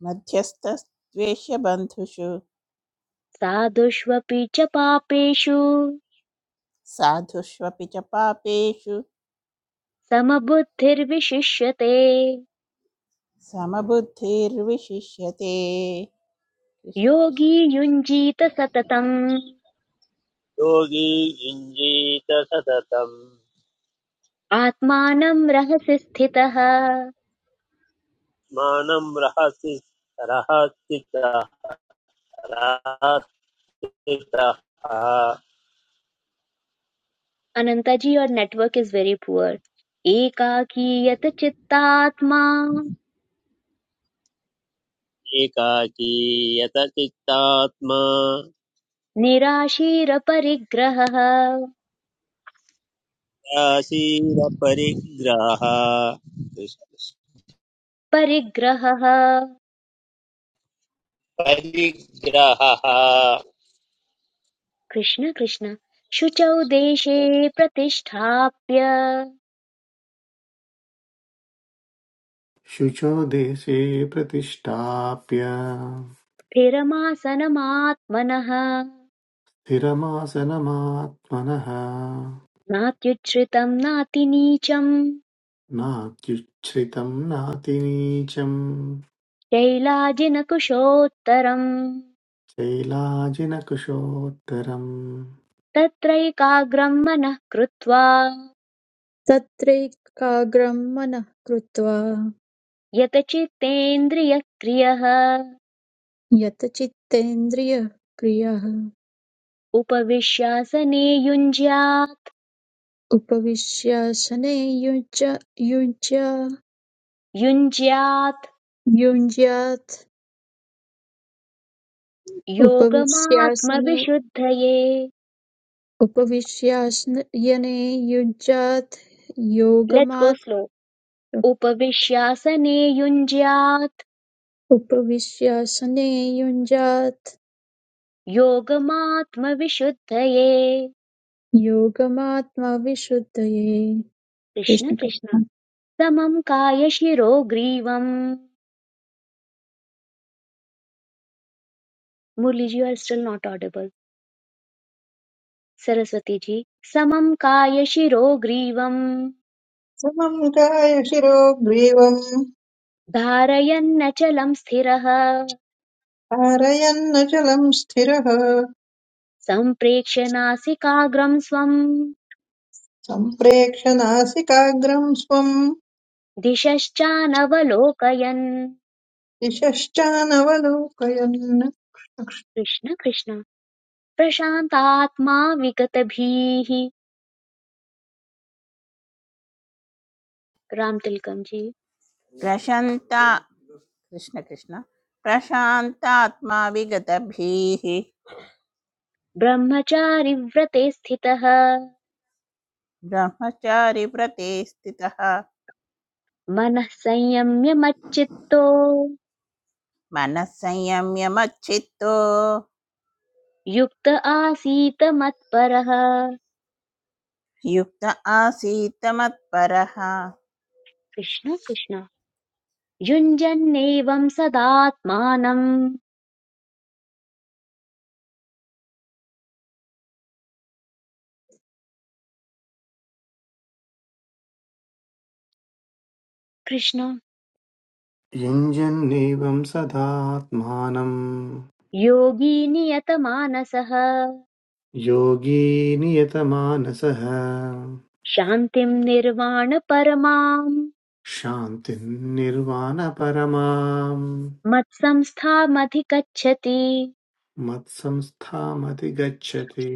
[SPEAKER 7] मध्यस्थद्वेषबन्धुषु
[SPEAKER 1] साधुष्वपि च पापेषु
[SPEAKER 7] साधुष्वपि च पापेषु
[SPEAKER 1] समबुद्धिर्विशिष्यते
[SPEAKER 7] समबुद्धिर्विशिष्यते कृष्ण कृष्ण
[SPEAKER 1] योगी युञ्जीत सततम्
[SPEAKER 2] योगी युञ्जीत सततम्
[SPEAKER 1] आत्मानं रहसि स्थितः
[SPEAKER 2] मानं रहसि रहस्थितः
[SPEAKER 1] अनंता जी और नेटवर्क इज वेरी पुअर एकाकीयत चित्तात्मा
[SPEAKER 2] एकाकीयत चित्तात्मा
[SPEAKER 1] निराशीर परिग्रहः
[SPEAKER 2] आसीर परिग्रह
[SPEAKER 1] परिग्रहः
[SPEAKER 2] परिग्रहः
[SPEAKER 1] कृष्ण कृष्ण शुचौ देशे प्रतिष्ठाप्य
[SPEAKER 4] शुचो देशे प्रतिष्ठाप्य
[SPEAKER 1] स्थिरमासनमात्मनः
[SPEAKER 4] स्थिरमासनमात्मनः
[SPEAKER 1] नात्युच्छ्रितम् नातिनीचम्
[SPEAKER 4] नात्युच्छ्रितं नातिनीचं
[SPEAKER 1] शैलाजिनकुशोत्तरम्
[SPEAKER 4] शैलाजिनकुशोत्तरं
[SPEAKER 1] तत्रैकाग्रं मनः कृत्वा
[SPEAKER 3] तत्रैकाग्रं मनः कृत्वा
[SPEAKER 1] यतचित्तेन्द्रियक्रियः
[SPEAKER 3] यत चित्तेन्द्रियः क्रियः
[SPEAKER 1] उपविश्यासने युञ्ज्यात्
[SPEAKER 3] उपविश्यासने युज्य युज्य
[SPEAKER 1] युञ्ज्यात्
[SPEAKER 3] युञ्ज्यात् उपविश्यासने
[SPEAKER 1] योगमात्मविशुद्धये
[SPEAKER 3] उपविश्यासने युञ्जात्
[SPEAKER 1] लेट्स् गो
[SPEAKER 3] योगमात्
[SPEAKER 1] स्लो उपविश्यासने युञ्ज्यात्
[SPEAKER 3] उपविश्यासने युञ्जात्
[SPEAKER 1] योगमात्मविशुद्धये
[SPEAKER 3] योगमात्मविशुद्धये
[SPEAKER 1] कृष्ण कृष्ण
[SPEAKER 3] कृष्णकृष्ण
[SPEAKER 1] समं कायशिरो ग्रीवम् Muraliji are still not Saraswati ji समं कायशिरोग्रीवं
[SPEAKER 6] समं गाय शिरो ग्रीवम्
[SPEAKER 1] धारयन्नचलं स्थिरः
[SPEAKER 6] कारयन्नचलं स्थिरः
[SPEAKER 1] सम्प्रेक्ष्य नासिकाग्रं स्वम्
[SPEAKER 6] सम्प्रेक्ष नासिकाग्रं स्वम्
[SPEAKER 1] दिशश्चानवलोकयन्
[SPEAKER 6] दिशश्चानवलोकयन्
[SPEAKER 1] कृष्ण कृष्ण प्रशान्तात्मा विगतभीः रामतिलकं जी
[SPEAKER 7] प्रशन्ता कृष्ण कृष्ण प्रशान्तात्मा विगतभीः
[SPEAKER 1] ब्रह्मचारि व्रते स्थितः
[SPEAKER 7] ब्रह्मचारि व्रते स्थितः
[SPEAKER 1] मनः संयम्य मच्चित्तो
[SPEAKER 7] मनः संयम्य मच्चित्तो
[SPEAKER 1] युक्त आसीत मत्परः
[SPEAKER 7] युक्त आसीत् मत्परः कृष्ण
[SPEAKER 1] कृष्ण
[SPEAKER 7] कृष्ण।
[SPEAKER 1] कृष्ण युञ्जन्नेवं सदात्मानं। कृष्ण
[SPEAKER 4] युञ्जन्नेवं सदात्मानं
[SPEAKER 1] योगी नियतमानसः
[SPEAKER 4] योगी नियतमानसः
[SPEAKER 1] शान्तिम् निर्वाणपरमाम्
[SPEAKER 4] शान्तिं निर्वाणपरमां
[SPEAKER 1] मत्संस्थामधिगच्छति
[SPEAKER 4] मत्संस्थामतिगच्छति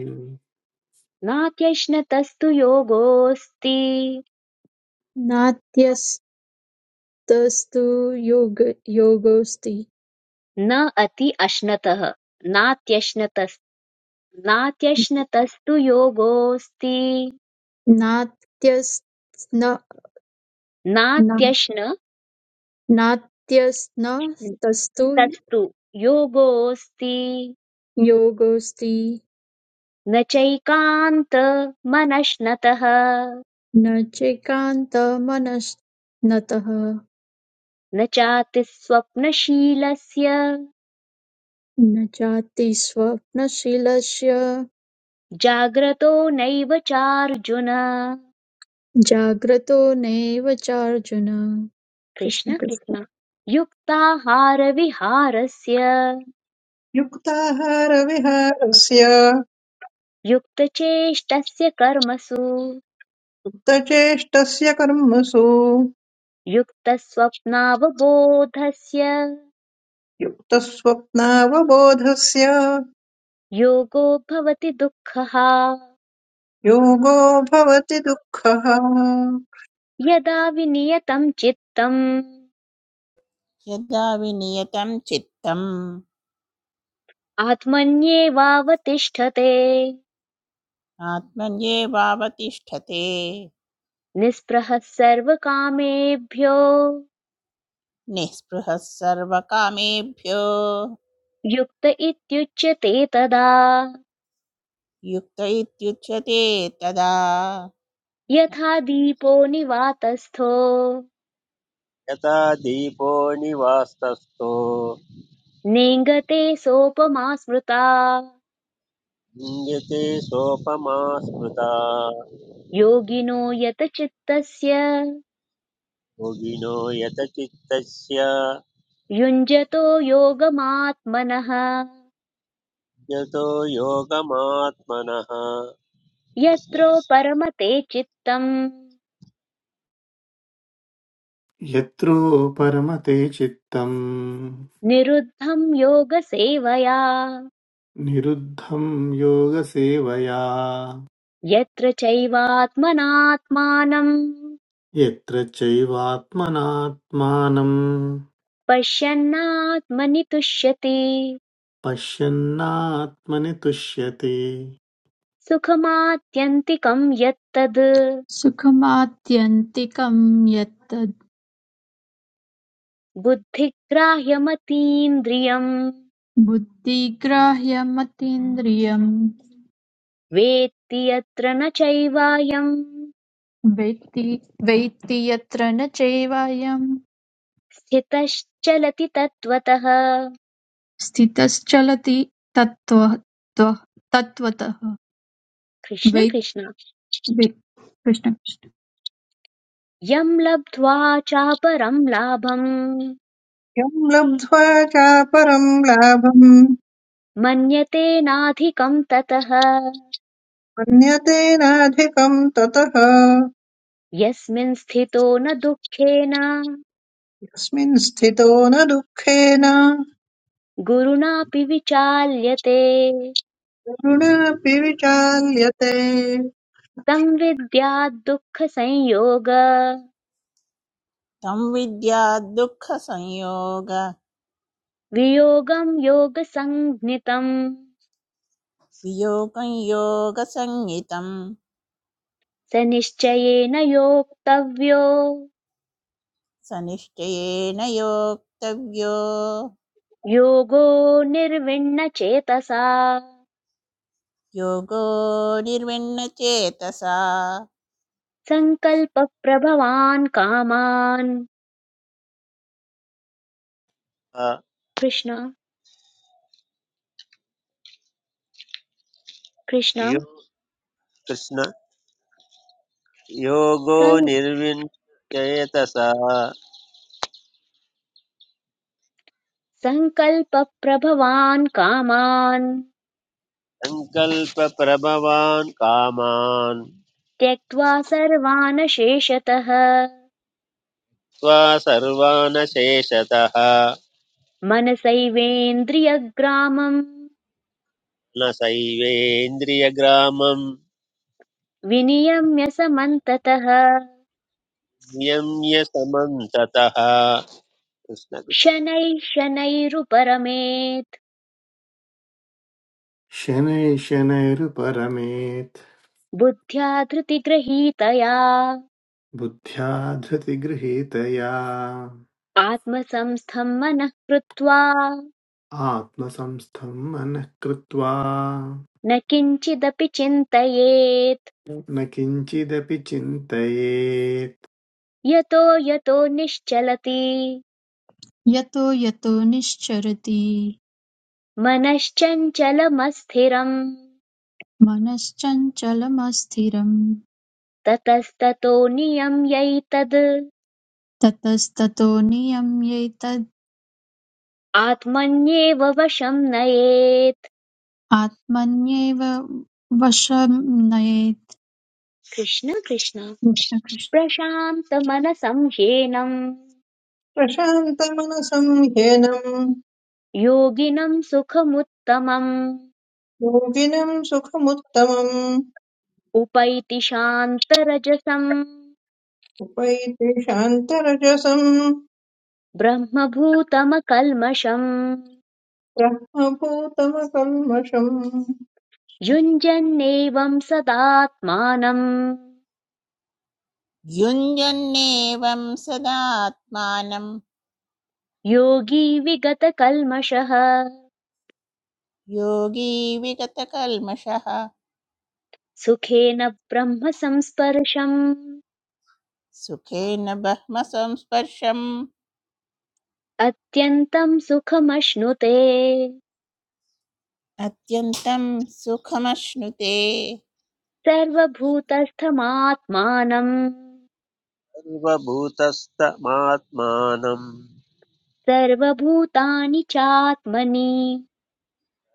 [SPEAKER 1] नात्यश्नतस्तु योगोऽस्ति
[SPEAKER 3] नात्यस्तस्तु योग योगोऽस्ति
[SPEAKER 1] न अति अश्नतः नात्यश्नतस् नात्यश्नतस्तु योगोऽस्ति
[SPEAKER 3] नात्यस्न ना- नात्यस्न
[SPEAKER 1] नात्यश्नतस्तु
[SPEAKER 3] तस्तु
[SPEAKER 1] योगोऽस्ति
[SPEAKER 3] योगोऽस्ति
[SPEAKER 1] न चैकान्तमनश्नतः
[SPEAKER 3] न चैकान्तमनस्तः
[SPEAKER 1] न चातिस्वप्नशीलस्य
[SPEAKER 3] न चाति स्वप्नशीलस्य
[SPEAKER 1] जाग्रतो नैव चार्जुन
[SPEAKER 3] जाग्रतो नैव चार्जुन कृष्ण
[SPEAKER 1] कृष्ण
[SPEAKER 3] कृष्ण
[SPEAKER 1] कृष्ण युक्ताहारविहारस्य
[SPEAKER 6] युक्ताहारविहारस्य
[SPEAKER 1] युक्तचेष्टस्य कर्मसु
[SPEAKER 6] युक्तचेष्टस्य कर्मसु
[SPEAKER 1] युक्तस्वप्नावबोधस्य
[SPEAKER 6] युक्तस्वप्नावबोधस्य
[SPEAKER 1] योगो भवति दुःखः
[SPEAKER 6] योगो भवति दुःखः
[SPEAKER 1] यदा विनियतं चित्तम्
[SPEAKER 7] यदा विनियतं चित्तम्
[SPEAKER 1] आत्मन्येवावतिष्ठते
[SPEAKER 7] आत्मन्येवावतिष्ठते
[SPEAKER 1] निःस्पृहः सर्वकामेभ्यो
[SPEAKER 7] निःस्पृहः सर्वकामेभ्यो
[SPEAKER 1] युक्त इत्युच्यते तदा
[SPEAKER 7] युक्त इत्युच्यते तदा कृष्ण
[SPEAKER 1] यथा
[SPEAKER 7] कृष्ण।
[SPEAKER 1] दीपो निवातस्थो
[SPEAKER 2] यथा दीपो निवास्तस्थो
[SPEAKER 1] नेङ्गते सोपमा स्मृता
[SPEAKER 2] लिङ्गते सोपमा स्मृता
[SPEAKER 1] योगिनो यतचित्तस्य, चित्तस्य
[SPEAKER 2] योगिनो यत चित्तस्य
[SPEAKER 1] युञ्जतो योगमात्मनः
[SPEAKER 2] यतो योगमात्मनः कृष्ण
[SPEAKER 1] यत्रो
[SPEAKER 2] कृष्ण
[SPEAKER 1] परमते चित्तम्
[SPEAKER 4] यत्रो परमते चित्तम्
[SPEAKER 1] निरुद्धं योगसेवया
[SPEAKER 4] निरुद्धं योगसेवया
[SPEAKER 1] यत्र चैवात्मनात्मानम्
[SPEAKER 4] यत्र चैवात्मनात्मानं
[SPEAKER 1] पश्यन्नात्मनि तुष्यति
[SPEAKER 4] पश्यन्नात्मनि तुष्यति
[SPEAKER 1] सुखमात्यन्तिकं यत्तद्
[SPEAKER 3] सुखमात्यन्तिकं यत्तद्
[SPEAKER 1] बुद्धिग्राह्यमतीन्द्रियम्
[SPEAKER 3] बुद्धिग्राह्यमतीन्द्रियं
[SPEAKER 1] वेत्ति यत्र न चैवायम्
[SPEAKER 3] वेत्ति वेत्ति यत्र न चैवायं
[SPEAKER 1] स्थितश्चलति तत्त्वतः
[SPEAKER 3] स्थितश्चलति तत्त्व त्व- तत्त्वतः
[SPEAKER 1] कृष्ण
[SPEAKER 3] वै-
[SPEAKER 1] कृष्ण
[SPEAKER 3] वै- कृष्ण कृष्ण।
[SPEAKER 1] यं लब्ध्वा चापरं लाभम्
[SPEAKER 6] यं लब्ध्वा चापरं लाभम्
[SPEAKER 1] मन्यते नाधिकं ततः
[SPEAKER 6] मन्यते नाधिकं ततः
[SPEAKER 1] यस्मिन् स्थितो न दुःखेन
[SPEAKER 6] यस्मिन् स्थितो न दुःखेन
[SPEAKER 1] गुरुणापि विचाल्यते
[SPEAKER 6] करुणापि विचाल्यते
[SPEAKER 1] संविद्याद्दुःखसंयोग
[SPEAKER 7] तं विद्या दुःखसंयोग
[SPEAKER 1] वियोगं योगसञ्ज्ञितम्
[SPEAKER 7] वियोगं योगसंज्ञितं
[SPEAKER 1] स निश्चयेन योक्तव्यो
[SPEAKER 7] सनिश्चयेन योक्तव्यो
[SPEAKER 1] योगो निर्विण्णचेतसा
[SPEAKER 7] योगो निर्विण्णचेतसा
[SPEAKER 1] सङ्कल्पप्रभवान् कामान्
[SPEAKER 2] आ,
[SPEAKER 1] कृष्ण कृष्ण
[SPEAKER 2] यो कृष्ण योगो
[SPEAKER 1] सं-
[SPEAKER 2] निर्विण्यचेतसा
[SPEAKER 1] सङ्कल्पप्रभवान् कामान्
[SPEAKER 2] सङ्कल्पप्रभवान् कामान्
[SPEAKER 1] त्यक्त्वा सर्वान् शेषतः
[SPEAKER 2] त्वा सर्वानशेषतः
[SPEAKER 1] मनसैवेन्द्रियग्रामम्
[SPEAKER 2] न सैवेन्द्रियग्रामं
[SPEAKER 1] विनियम्य समन्ततः
[SPEAKER 2] नियम्य समन्ततः कृष्ण कृष्ण
[SPEAKER 1] शनैः शनैरुपरमेत्
[SPEAKER 4] शनैः शनैरुपरमेत्
[SPEAKER 1] बुद्ध्या धृतिगृहीतया
[SPEAKER 4] बुद्ध्या धृतिगृहीतया
[SPEAKER 1] आत्मसंस्थं मनः कृत्वा
[SPEAKER 4] आत्मसंस्थं मनः कृत्वा
[SPEAKER 1] न किञ्चिदपि चिन्तयेत्
[SPEAKER 4] न किञ्चिदपि चिन्तयेत्
[SPEAKER 1] यतो यतो निश्चलति
[SPEAKER 3] यतो यतो निश्चरति
[SPEAKER 1] मनश्चञ्चलमस्थिरम्
[SPEAKER 3] मनश्चञ्चलमस्थिरं
[SPEAKER 1] ततस्ततो नियम्यैतद्
[SPEAKER 3] ततस्ततो
[SPEAKER 1] आत्मन्येव वशं नयेत्
[SPEAKER 3] आत्मन्येव वशं नयेत्
[SPEAKER 1] कृष्ण कृष्ण
[SPEAKER 3] कृष्णकृष्ण।
[SPEAKER 1] प्रशान्तमनसं ह्येनम्
[SPEAKER 6] प्रशान्तमनसं ह्येनं
[SPEAKER 1] योगिनं सुखमुत्तमम्
[SPEAKER 6] योगिनं सुखमुत्तमम्
[SPEAKER 1] उपैति शान्तरजसम्
[SPEAKER 6] उपैति शान्तरजसं
[SPEAKER 1] ब्रह्मभूतमकल्मषम्
[SPEAKER 6] ब्रह्मभूतमकल्मषम्
[SPEAKER 1] युञ्जन्नेवं सदात्मानम्
[SPEAKER 7] युञ्जन्नेवं सदात्मानं
[SPEAKER 1] योगी विगतकल्मषः
[SPEAKER 7] योगी विगतकल्मषः
[SPEAKER 1] सुखेन ब्रह्म संस्पर्शम्
[SPEAKER 7] सुखेन ब्रह्मसंस्पर्शम्
[SPEAKER 1] अत्यन्तं सुखमश्नुते
[SPEAKER 7] अत्यन्तं सुखमश्नुते
[SPEAKER 1] सर्वभूतस्थमात्मानम्
[SPEAKER 2] सर्वभूतस्तमात्मानं
[SPEAKER 1] सर्वभूतानि चात्मनि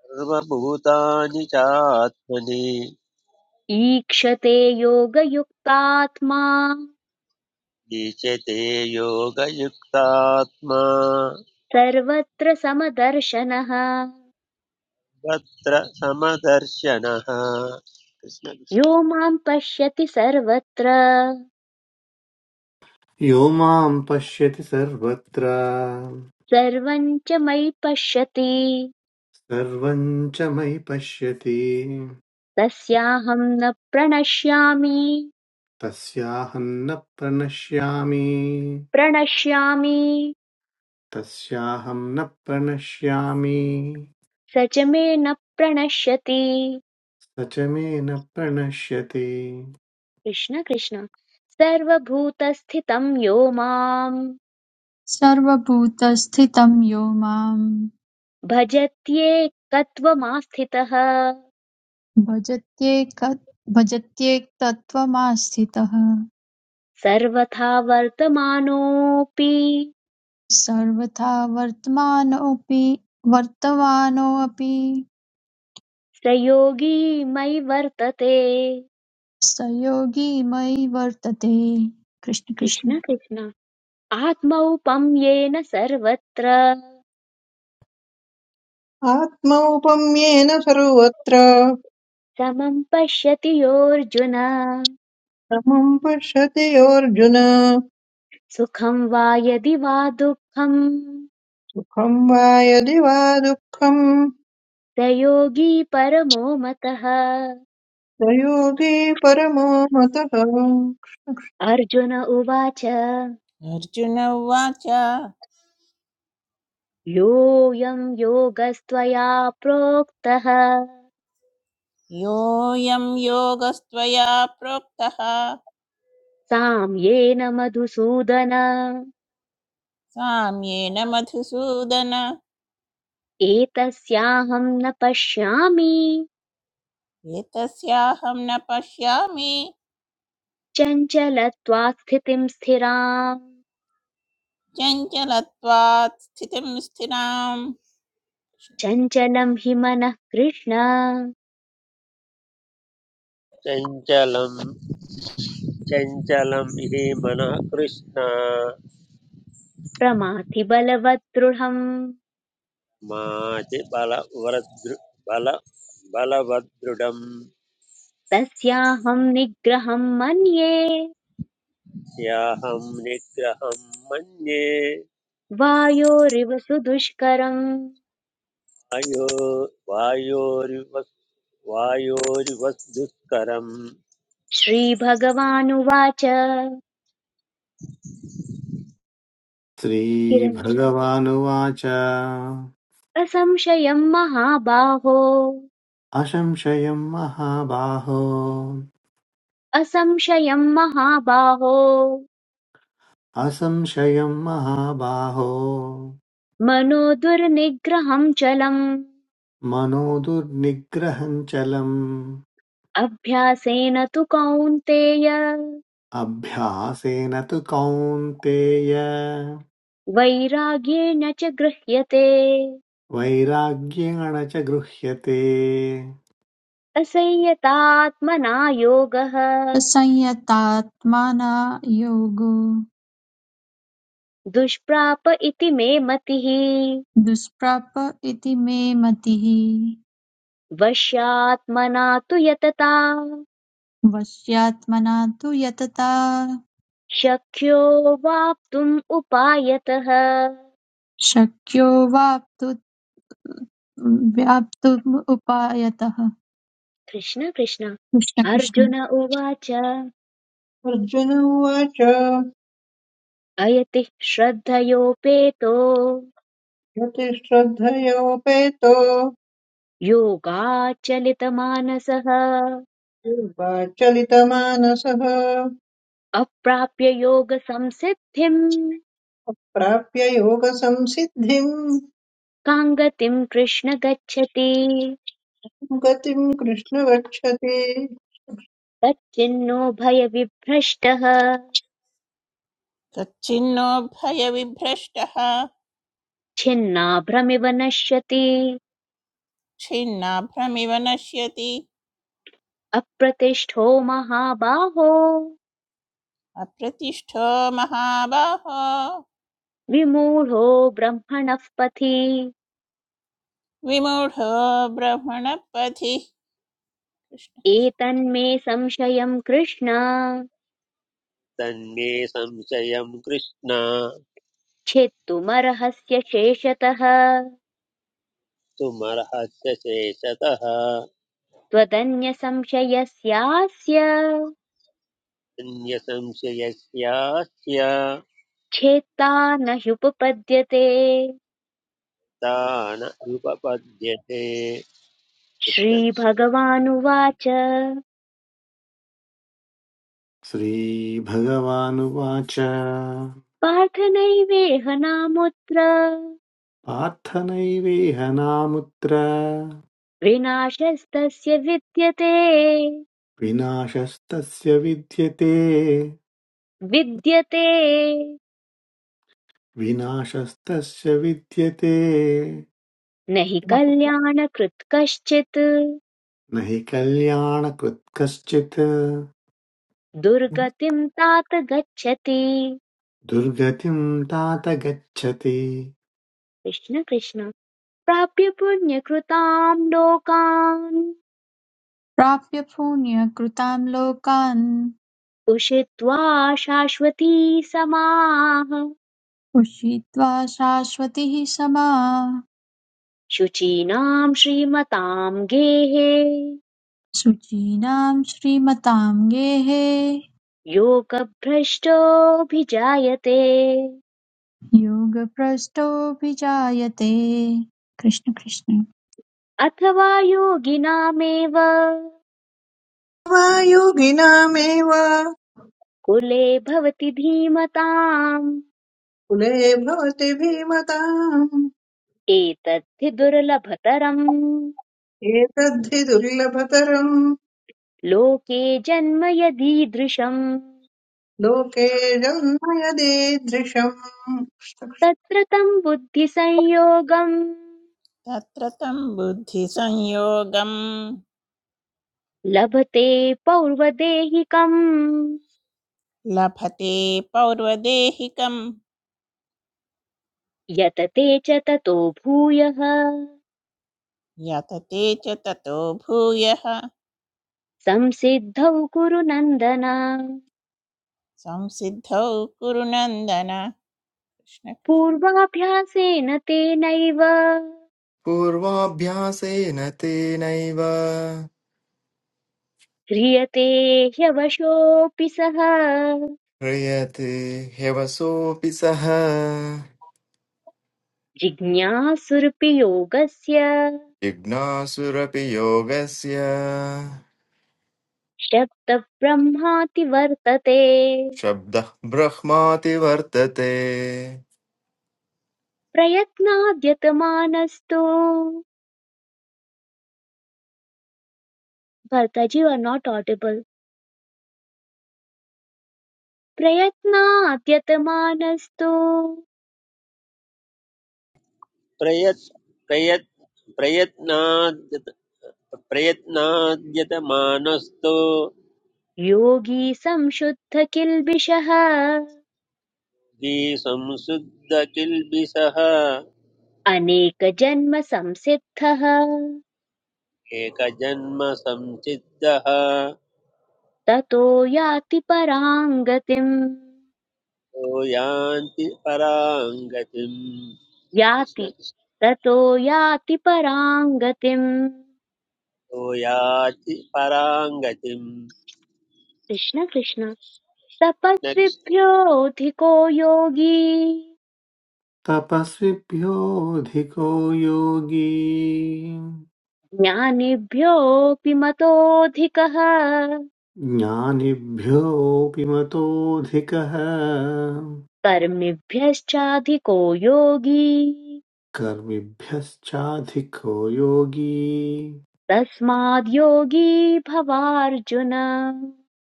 [SPEAKER 2] सर्वभूतानि चात्मनि
[SPEAKER 1] ईक्षते योगयुक्तात्मा
[SPEAKER 2] ईचते योगयुक्तात्मा
[SPEAKER 1] सर्वत्र समदर्शनः
[SPEAKER 2] तत्र समदर्शनः कृष्ण
[SPEAKER 1] यो
[SPEAKER 2] कृष्ण।
[SPEAKER 1] माम् पश्यति सर्वत्र
[SPEAKER 4] यो मां पश्यति सर्वत्र
[SPEAKER 1] सर्वम् च मयि पश्यति
[SPEAKER 4] सर्वं च मयि पश्यति
[SPEAKER 1] तस्याहम् न प्रणश्यामि
[SPEAKER 4] तस्याहं न प्रणश्यामि
[SPEAKER 1] प्रणश्यामि
[SPEAKER 4] तस्याहं न प्रणश्यामि
[SPEAKER 1] स च मे न प्रणश्यति
[SPEAKER 4] स च मे न प्रणश्यति
[SPEAKER 1] कृष्ण कृष्ण सर्वभूतस्थितं यो माम्
[SPEAKER 3] सर्वभूतस्थितं यो मां
[SPEAKER 1] भजत्येकत्वमास्थितः
[SPEAKER 3] भजत्येक भजत्येकतत्त्वमास्थितः
[SPEAKER 1] सर्वथा वर्तमानोऽपि
[SPEAKER 3] सर्वथा वर्तमानोऽपि वर्तमानोऽपि
[SPEAKER 1] स योगी मयि वर्तते
[SPEAKER 3] स योगी मयि वर्तते कृष्ण कृष्ण
[SPEAKER 1] कृष्ण कृष्ण आत्मौपं येन सर्वत्र
[SPEAKER 6] आत्मौपम्येन सर्वत्र
[SPEAKER 1] समं पश्यति योऽर्जुन
[SPEAKER 6] समम् पश्यति योऽर्जुन
[SPEAKER 1] सुखं वा यदि वा दुःखं
[SPEAKER 6] सुखं वा यदि वा दुःखं
[SPEAKER 1] स योगी परमो मतः
[SPEAKER 6] स योगी परमो मतः
[SPEAKER 1] अर्जुन उवाच
[SPEAKER 7] अर्जुन उवाच
[SPEAKER 1] योऽयं योगस्त्वया प्रोक्तः
[SPEAKER 7] योऽयं योगस्त्वया प्रोक्तः
[SPEAKER 1] साम् मधुसूदन
[SPEAKER 7] साम्येन मधुसूदन
[SPEAKER 1] एतस्याहं न पश्यामि
[SPEAKER 7] एतस्याहं न पश्यामि
[SPEAKER 1] चञ्चलत्वात् स्थितिं स्थिराम्
[SPEAKER 7] चञ्चलत्वात् स्थितिं स्थिराम्
[SPEAKER 1] चञ्चलं हि मनः कृष्ण
[SPEAKER 2] चञ्चलं चञ्चलं हि मनः कृष्ण
[SPEAKER 1] प्रमाथि बलवत् दृढम्
[SPEAKER 2] माति बलवृद्रु बल बलवदृढं
[SPEAKER 1] तस्याहं निग्रहं मन्ये
[SPEAKER 2] याहं निग्रहं मन्ये
[SPEAKER 1] वायोरिव सुदुष्करम्
[SPEAKER 2] अयो वायोरिव वायोरिव दुष्करं
[SPEAKER 1] श्रीभगवानुवाच किरञ्जि
[SPEAKER 4] श्रीभगवानुवाच
[SPEAKER 1] असंशयं महाबाहो
[SPEAKER 4] असंशयं महाबाहो
[SPEAKER 1] असंशयं महाबाहो
[SPEAKER 4] असंशयं महाबाहो
[SPEAKER 1] मनो दुर्निग्रहं चलम्
[SPEAKER 4] मनो दुर्निग्रहं चलम्
[SPEAKER 1] अभ्यासेन तु कौन्तेय
[SPEAKER 4] अभ्यासेन तु कौन्तेय
[SPEAKER 1] वैराग्येण च गृह्यते
[SPEAKER 4] वैराग्येण च गृह्यते
[SPEAKER 1] असंयतात्मना योगः
[SPEAKER 3] संयतात्माना योगो
[SPEAKER 1] दुष्प्राप इति मे मतिः
[SPEAKER 3] दुष्प्राप इति मे मतिः
[SPEAKER 1] वश्यात्मना तु यतता
[SPEAKER 3] वश्यात्मना तु यतता
[SPEAKER 1] शक्यो वाप्तुम् उपायतः
[SPEAKER 3] शक्यो वाप्तुमुपायतः
[SPEAKER 1] कृष्ण कृष्ण
[SPEAKER 3] कृष्ण कृष्ण
[SPEAKER 1] अर्जुन उवाच
[SPEAKER 6] अर्जुन उवाच
[SPEAKER 1] अयति श्रद्धयोपेतो
[SPEAKER 6] यतिश्रद्धयोपेतो
[SPEAKER 1] योगाचलितमानसः
[SPEAKER 6] चलितमानसः
[SPEAKER 1] अप्राप्य योगसंसिद्धिम्
[SPEAKER 6] प्राप्य योगसंसिद्धिं
[SPEAKER 1] कां गतिम् कृष्ण गच्छति
[SPEAKER 6] गतिं कृष्ण गच्छति
[SPEAKER 1] तच्चिन्नो भयविभ्रष्टः
[SPEAKER 7] तच्छिन्नो भयविभ्रष्टः
[SPEAKER 1] छिन्नाभ्रमिव नश्यति
[SPEAKER 7] छिन्नाभ्रमिव नश्यति
[SPEAKER 1] अप्रतिष्ठो महाबाहो
[SPEAKER 7] अप्रतिष्ठो महाबाहो
[SPEAKER 1] विमूढो ब्रह्मणः पथि
[SPEAKER 7] विमूढो ब्रह्मणपथि
[SPEAKER 1] एतन्मे संशयम् कृष्ण
[SPEAKER 2] तन्मे संशयं कृष्ण
[SPEAKER 1] छेत्तुमर्हस्य शेषतः
[SPEAKER 2] कर्तुमर्हस्य चेततः
[SPEAKER 1] त्वदन्यसंशयस्यास्य
[SPEAKER 2] अन्यसंशयस्यास्य
[SPEAKER 1] छेत्ता न ह्युपपद्यते
[SPEAKER 2] दान उपपद्यते कृष्ण कृष्ण
[SPEAKER 1] श्रीभगवानुवाच
[SPEAKER 4] श्रीभगवानुवाच
[SPEAKER 1] पार्थ नैवेह नामुत्र
[SPEAKER 4] पार्थनैवेह नामुत्र
[SPEAKER 1] विनाशस्तस्य विद्यते
[SPEAKER 4] विनाशस्तस्य विद्यते
[SPEAKER 1] विद्यते
[SPEAKER 4] विनाशस्तस्य विद्यते
[SPEAKER 1] न हि कल्याणकृत् कश्चित्
[SPEAKER 4] न हि कल्याणकृत् कश्चित्
[SPEAKER 1] दुर्गतिम् तात गच्छति
[SPEAKER 4] दुर्गतिं तात गच्छति
[SPEAKER 1] कृष्ण कृष्ण प्राप्य पुण्यकृताम् लोकान्
[SPEAKER 3] प्राप्य पुण्य कृतान् लोकान्
[SPEAKER 1] उषित्वा शाश्वती समाः
[SPEAKER 3] उषित्वा शाश्वतीः समा
[SPEAKER 1] शुचीनाम् श्रीमताम् गेहे
[SPEAKER 3] शुचीनां श्रीमतां गेहे
[SPEAKER 1] योगभ्रष्टोऽभिजायते
[SPEAKER 3] योगभ्रष्टो विजायते कृष्ण कृष्ण
[SPEAKER 1] अथवा योगिनामेव
[SPEAKER 6] वा योगिनामेव
[SPEAKER 1] कुले भवति धीमताम्
[SPEAKER 6] कुले भवति भीमताम्
[SPEAKER 1] एतद्धि दुर्लभतरम्
[SPEAKER 6] एतद्धि दुर्लभतरम्
[SPEAKER 1] लोके जन्म यदीदृशम्
[SPEAKER 6] लोकेऽजन्मयदेदृशम्
[SPEAKER 1] तत्र तम् बुद्धिसंयोगम्
[SPEAKER 7] तत्र तं बुद्धिसंयोगं
[SPEAKER 1] लभते पौर्वदेहिकम्
[SPEAKER 7] लभते पौर्वदेहिकं
[SPEAKER 1] यतते च ततो भूयः
[SPEAKER 7] यतते च ततो भूयः
[SPEAKER 1] संसिद्धौ कुरु नन्दन
[SPEAKER 7] संसिद्धौ कुरु नन्दन कृष्ण कृष्ण
[SPEAKER 1] पूर्वाभ्यासेन तेनैव
[SPEAKER 8] पूर्वाभ्यासेन तेनैव
[SPEAKER 1] ह्रियते ह्यवशोऽपि सः
[SPEAKER 8] ह्रियते ह्यवसोऽपि सः
[SPEAKER 1] जिज्ञासुरपि योगस्य
[SPEAKER 8] जिज्ञासुरपि योगस्य
[SPEAKER 1] शब्दब्रह्माति वर्तते
[SPEAKER 8] शब्दः ब्रह्माति वर्तते
[SPEAKER 1] प्रयत्नाद्यतमानस्तु भर्ताजी आर् नाट् ऑडिबल प्रयत्नाद्यतमानस्तु
[SPEAKER 2] प्रयत् प्रयत् प्रयत्नाद्यत प्रयत्नाद्यतमानस्तु
[SPEAKER 1] योगी संशुद्ध किल्बिषः
[SPEAKER 2] द्विसंशुद्धकिल्बिषः
[SPEAKER 1] अनेकजन्म संसिद्धः
[SPEAKER 2] एकजन्म संसिद्धः
[SPEAKER 1] ततो याति परां गतिम्
[SPEAKER 2] तो यान्ति पराङ्गतिम् कृष्ण
[SPEAKER 1] याति
[SPEAKER 2] कृष्ण
[SPEAKER 1] ततो याति परां गतिम्
[SPEAKER 2] तो याति पराङ्गतिम्
[SPEAKER 1] कृष्ण कृष्ण
[SPEAKER 2] न कृष्ण
[SPEAKER 1] तपस्विभ्योऽधिको योगी
[SPEAKER 4] तपस्विभ्योऽधिको योगी
[SPEAKER 1] ज्ञानिभ्योऽपि मतोऽधिकः
[SPEAKER 4] ज्ञानिभ्योऽपि मतोऽधिकः
[SPEAKER 1] कर्मिभ्यश्चाधिको योगी
[SPEAKER 4] कर्मिभ्यश्चाधिको योगी
[SPEAKER 1] तस्माद् योगी भवार्जुन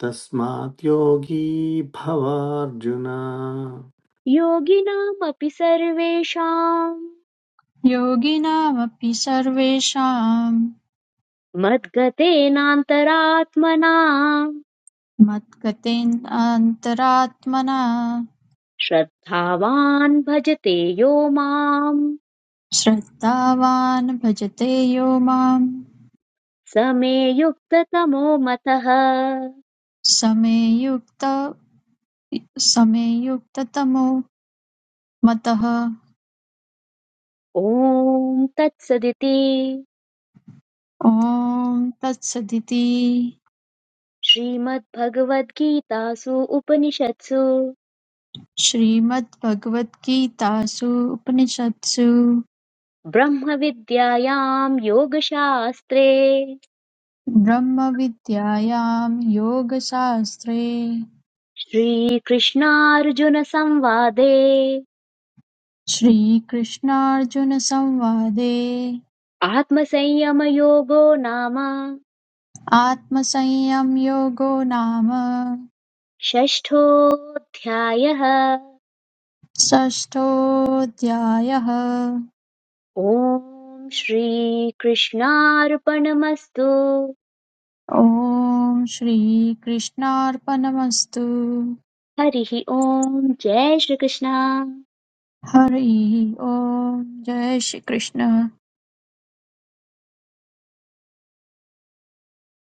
[SPEAKER 4] तस्मात् योगी भवार्जुन
[SPEAKER 1] योगिनामपि सर्वेषाम्
[SPEAKER 3] योगिनामपि सर्वेषां
[SPEAKER 1] मद्गतेनान्तरात्मना
[SPEAKER 3] मत्गतेनान्तरात्मना
[SPEAKER 1] श्रद्धावान् भजते यो माम्
[SPEAKER 3] श्रद्धावान् भजते यो माम्
[SPEAKER 1] स मे युक्ततमो मतः
[SPEAKER 3] समेयुक्त समेयुक्ततमो मतः
[SPEAKER 1] ॐ तत्सदिति
[SPEAKER 3] ॐ तत्सदिति
[SPEAKER 1] श्रीमद्भगवद्गीतासु उपनिषत्सु
[SPEAKER 3] श्रीमद्भगवद्गीतासु उपनिषत्सु
[SPEAKER 1] ब्रह्मविद्यायां योगशास्त्रे
[SPEAKER 3] ब्रह्मविद्यायां योगशास्त्रे
[SPEAKER 1] श्रीकृष्णार्जुनसंवादे
[SPEAKER 3] श्रीकृष्णार्जुनसंवादे
[SPEAKER 1] आत्मसंयमयोगो नाम
[SPEAKER 3] आत्मसंयम योगो नाम
[SPEAKER 1] षष्ठोऽध्यायः
[SPEAKER 3] षष्ठोऽध्यायः
[SPEAKER 1] ॐ श्रीकृष्णार्पणमस्तु
[SPEAKER 3] ॐ श्रीकृष्णार्पणमस्तु
[SPEAKER 1] हरिः ॐ जय श्रीकृष्ण
[SPEAKER 3] हरि ओम जय Shri Krishna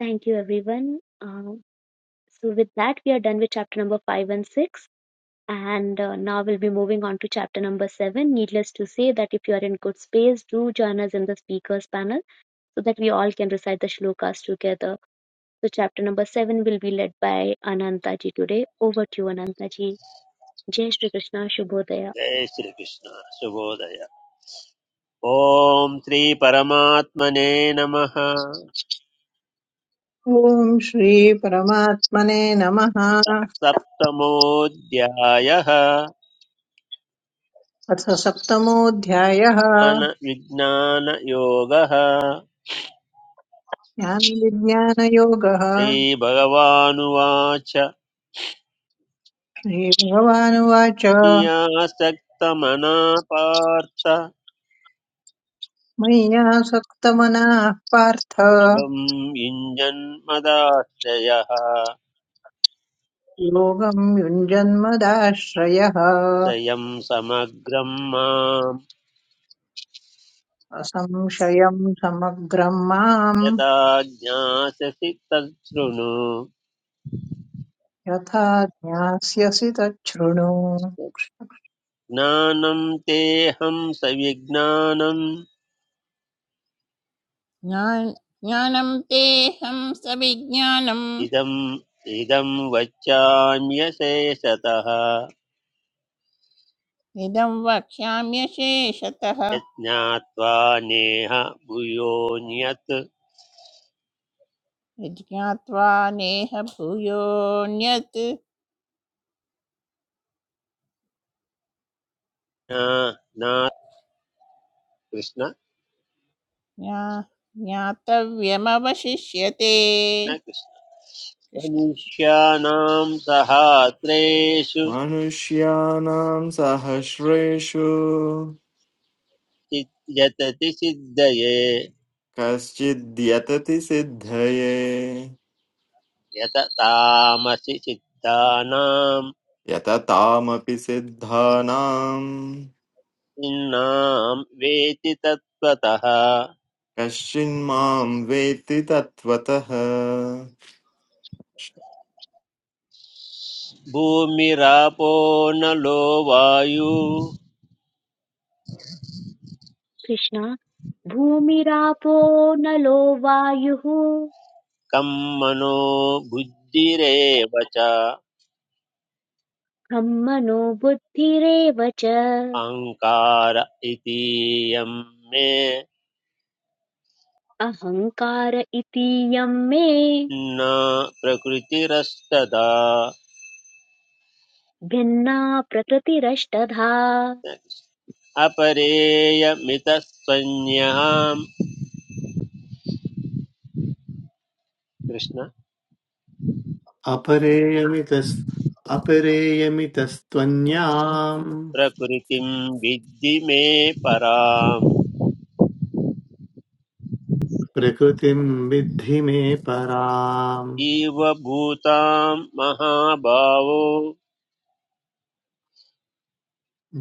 [SPEAKER 1] thank you everyone uh, so with that we are done with chapter number 5 and 6 and uh, now we'll be moving on to chapter number 7 needless to say that if you are in good space do join us in the speakers panel so that we all can recite the shlokas together so chapter number 7 will be led by ananta ji today over to you ananta ji jai shri krishna shubhodaya
[SPEAKER 2] जय श्रीकृष्ण शुभोदय ॐ श्रीपरमात्मने नमः
[SPEAKER 6] ॐ श्रीपरमात्मने नमः
[SPEAKER 2] सप्तमोऽध्यायः
[SPEAKER 6] अथ सप्तमोऽध्यायः
[SPEAKER 2] ज्ञान- विज्ञानयोगः
[SPEAKER 6] ज्ञानविज्ञानयोगः
[SPEAKER 2] श्रीभगवानुवाच
[SPEAKER 6] श्रीभगवानुवाच
[SPEAKER 2] नियासक्तमना पार्थ
[SPEAKER 6] मय्यासक्तमनाः पार्थ
[SPEAKER 2] योगम् युञ्जन्मदाश्रयः
[SPEAKER 6] योगम् युञ्जन्मदाश्रयः
[SPEAKER 2] स्वयं समग्रं मां
[SPEAKER 6] असंशयम् समग्रम् माम्
[SPEAKER 2] यथा ज्ञास्यसि तच्छृणु
[SPEAKER 6] यथा ज्ञास्यसि तच्छृणु
[SPEAKER 2] ज्ञानं तेऽहं सविज्ञानम्
[SPEAKER 7] ज्ञान- ज्ञानं तेहं सविज्ञानं
[SPEAKER 2] इदम् इदं वच्याम्यशेषतः
[SPEAKER 7] निदं वक्ष्याम्यशेषतः
[SPEAKER 2] यज्ञात्वा नेह भूयोऽन्यत्
[SPEAKER 7] विज्ञात्वा नेह भूयोऽन्यत्
[SPEAKER 2] न न कृष्ण
[SPEAKER 7] ज्ञा- ज्ञातव्यमवशिष्यते
[SPEAKER 2] न कृष्ण
[SPEAKER 7] कृष्ण कृष्ण
[SPEAKER 2] मनुष्याणां सहात्रेषु
[SPEAKER 8] मनुष्याणां सहस्रेषु
[SPEAKER 2] चित्- यतति सिद्धये
[SPEAKER 8] कश्चिद्यतति सिद्धये
[SPEAKER 2] यत तामसि सिद्धानां
[SPEAKER 8] यततामपि सिद्धानां
[SPEAKER 2] निन्नां वेति तत्त्वतः
[SPEAKER 8] कश्चिन्मां वेत्ति तत्त्वतः
[SPEAKER 2] भूमिरापो नलो वायुः
[SPEAKER 1] कृष्ण भूमिरापो नलो वायुः
[SPEAKER 2] कं मनो बुद्धिरेव च
[SPEAKER 1] खं मनो बुद्धिरेव च
[SPEAKER 2] अहङ्कार इतीयं मे
[SPEAKER 1] अहङ्कार इतीयं मे
[SPEAKER 2] न प्रकृतिरस्तदा
[SPEAKER 1] भिन्ना प्रकृतिरष्टधा
[SPEAKER 2] अपरेयमितसंज्ञां कृष्ण
[SPEAKER 4] अपरेयमितस् अपरेयमितस्त्वन्याम्
[SPEAKER 2] प्रकृतिं विद्धि मे पराम्
[SPEAKER 4] प्रकृतिम् विद्धि मे पराम्
[SPEAKER 2] इव भूतां महाभावो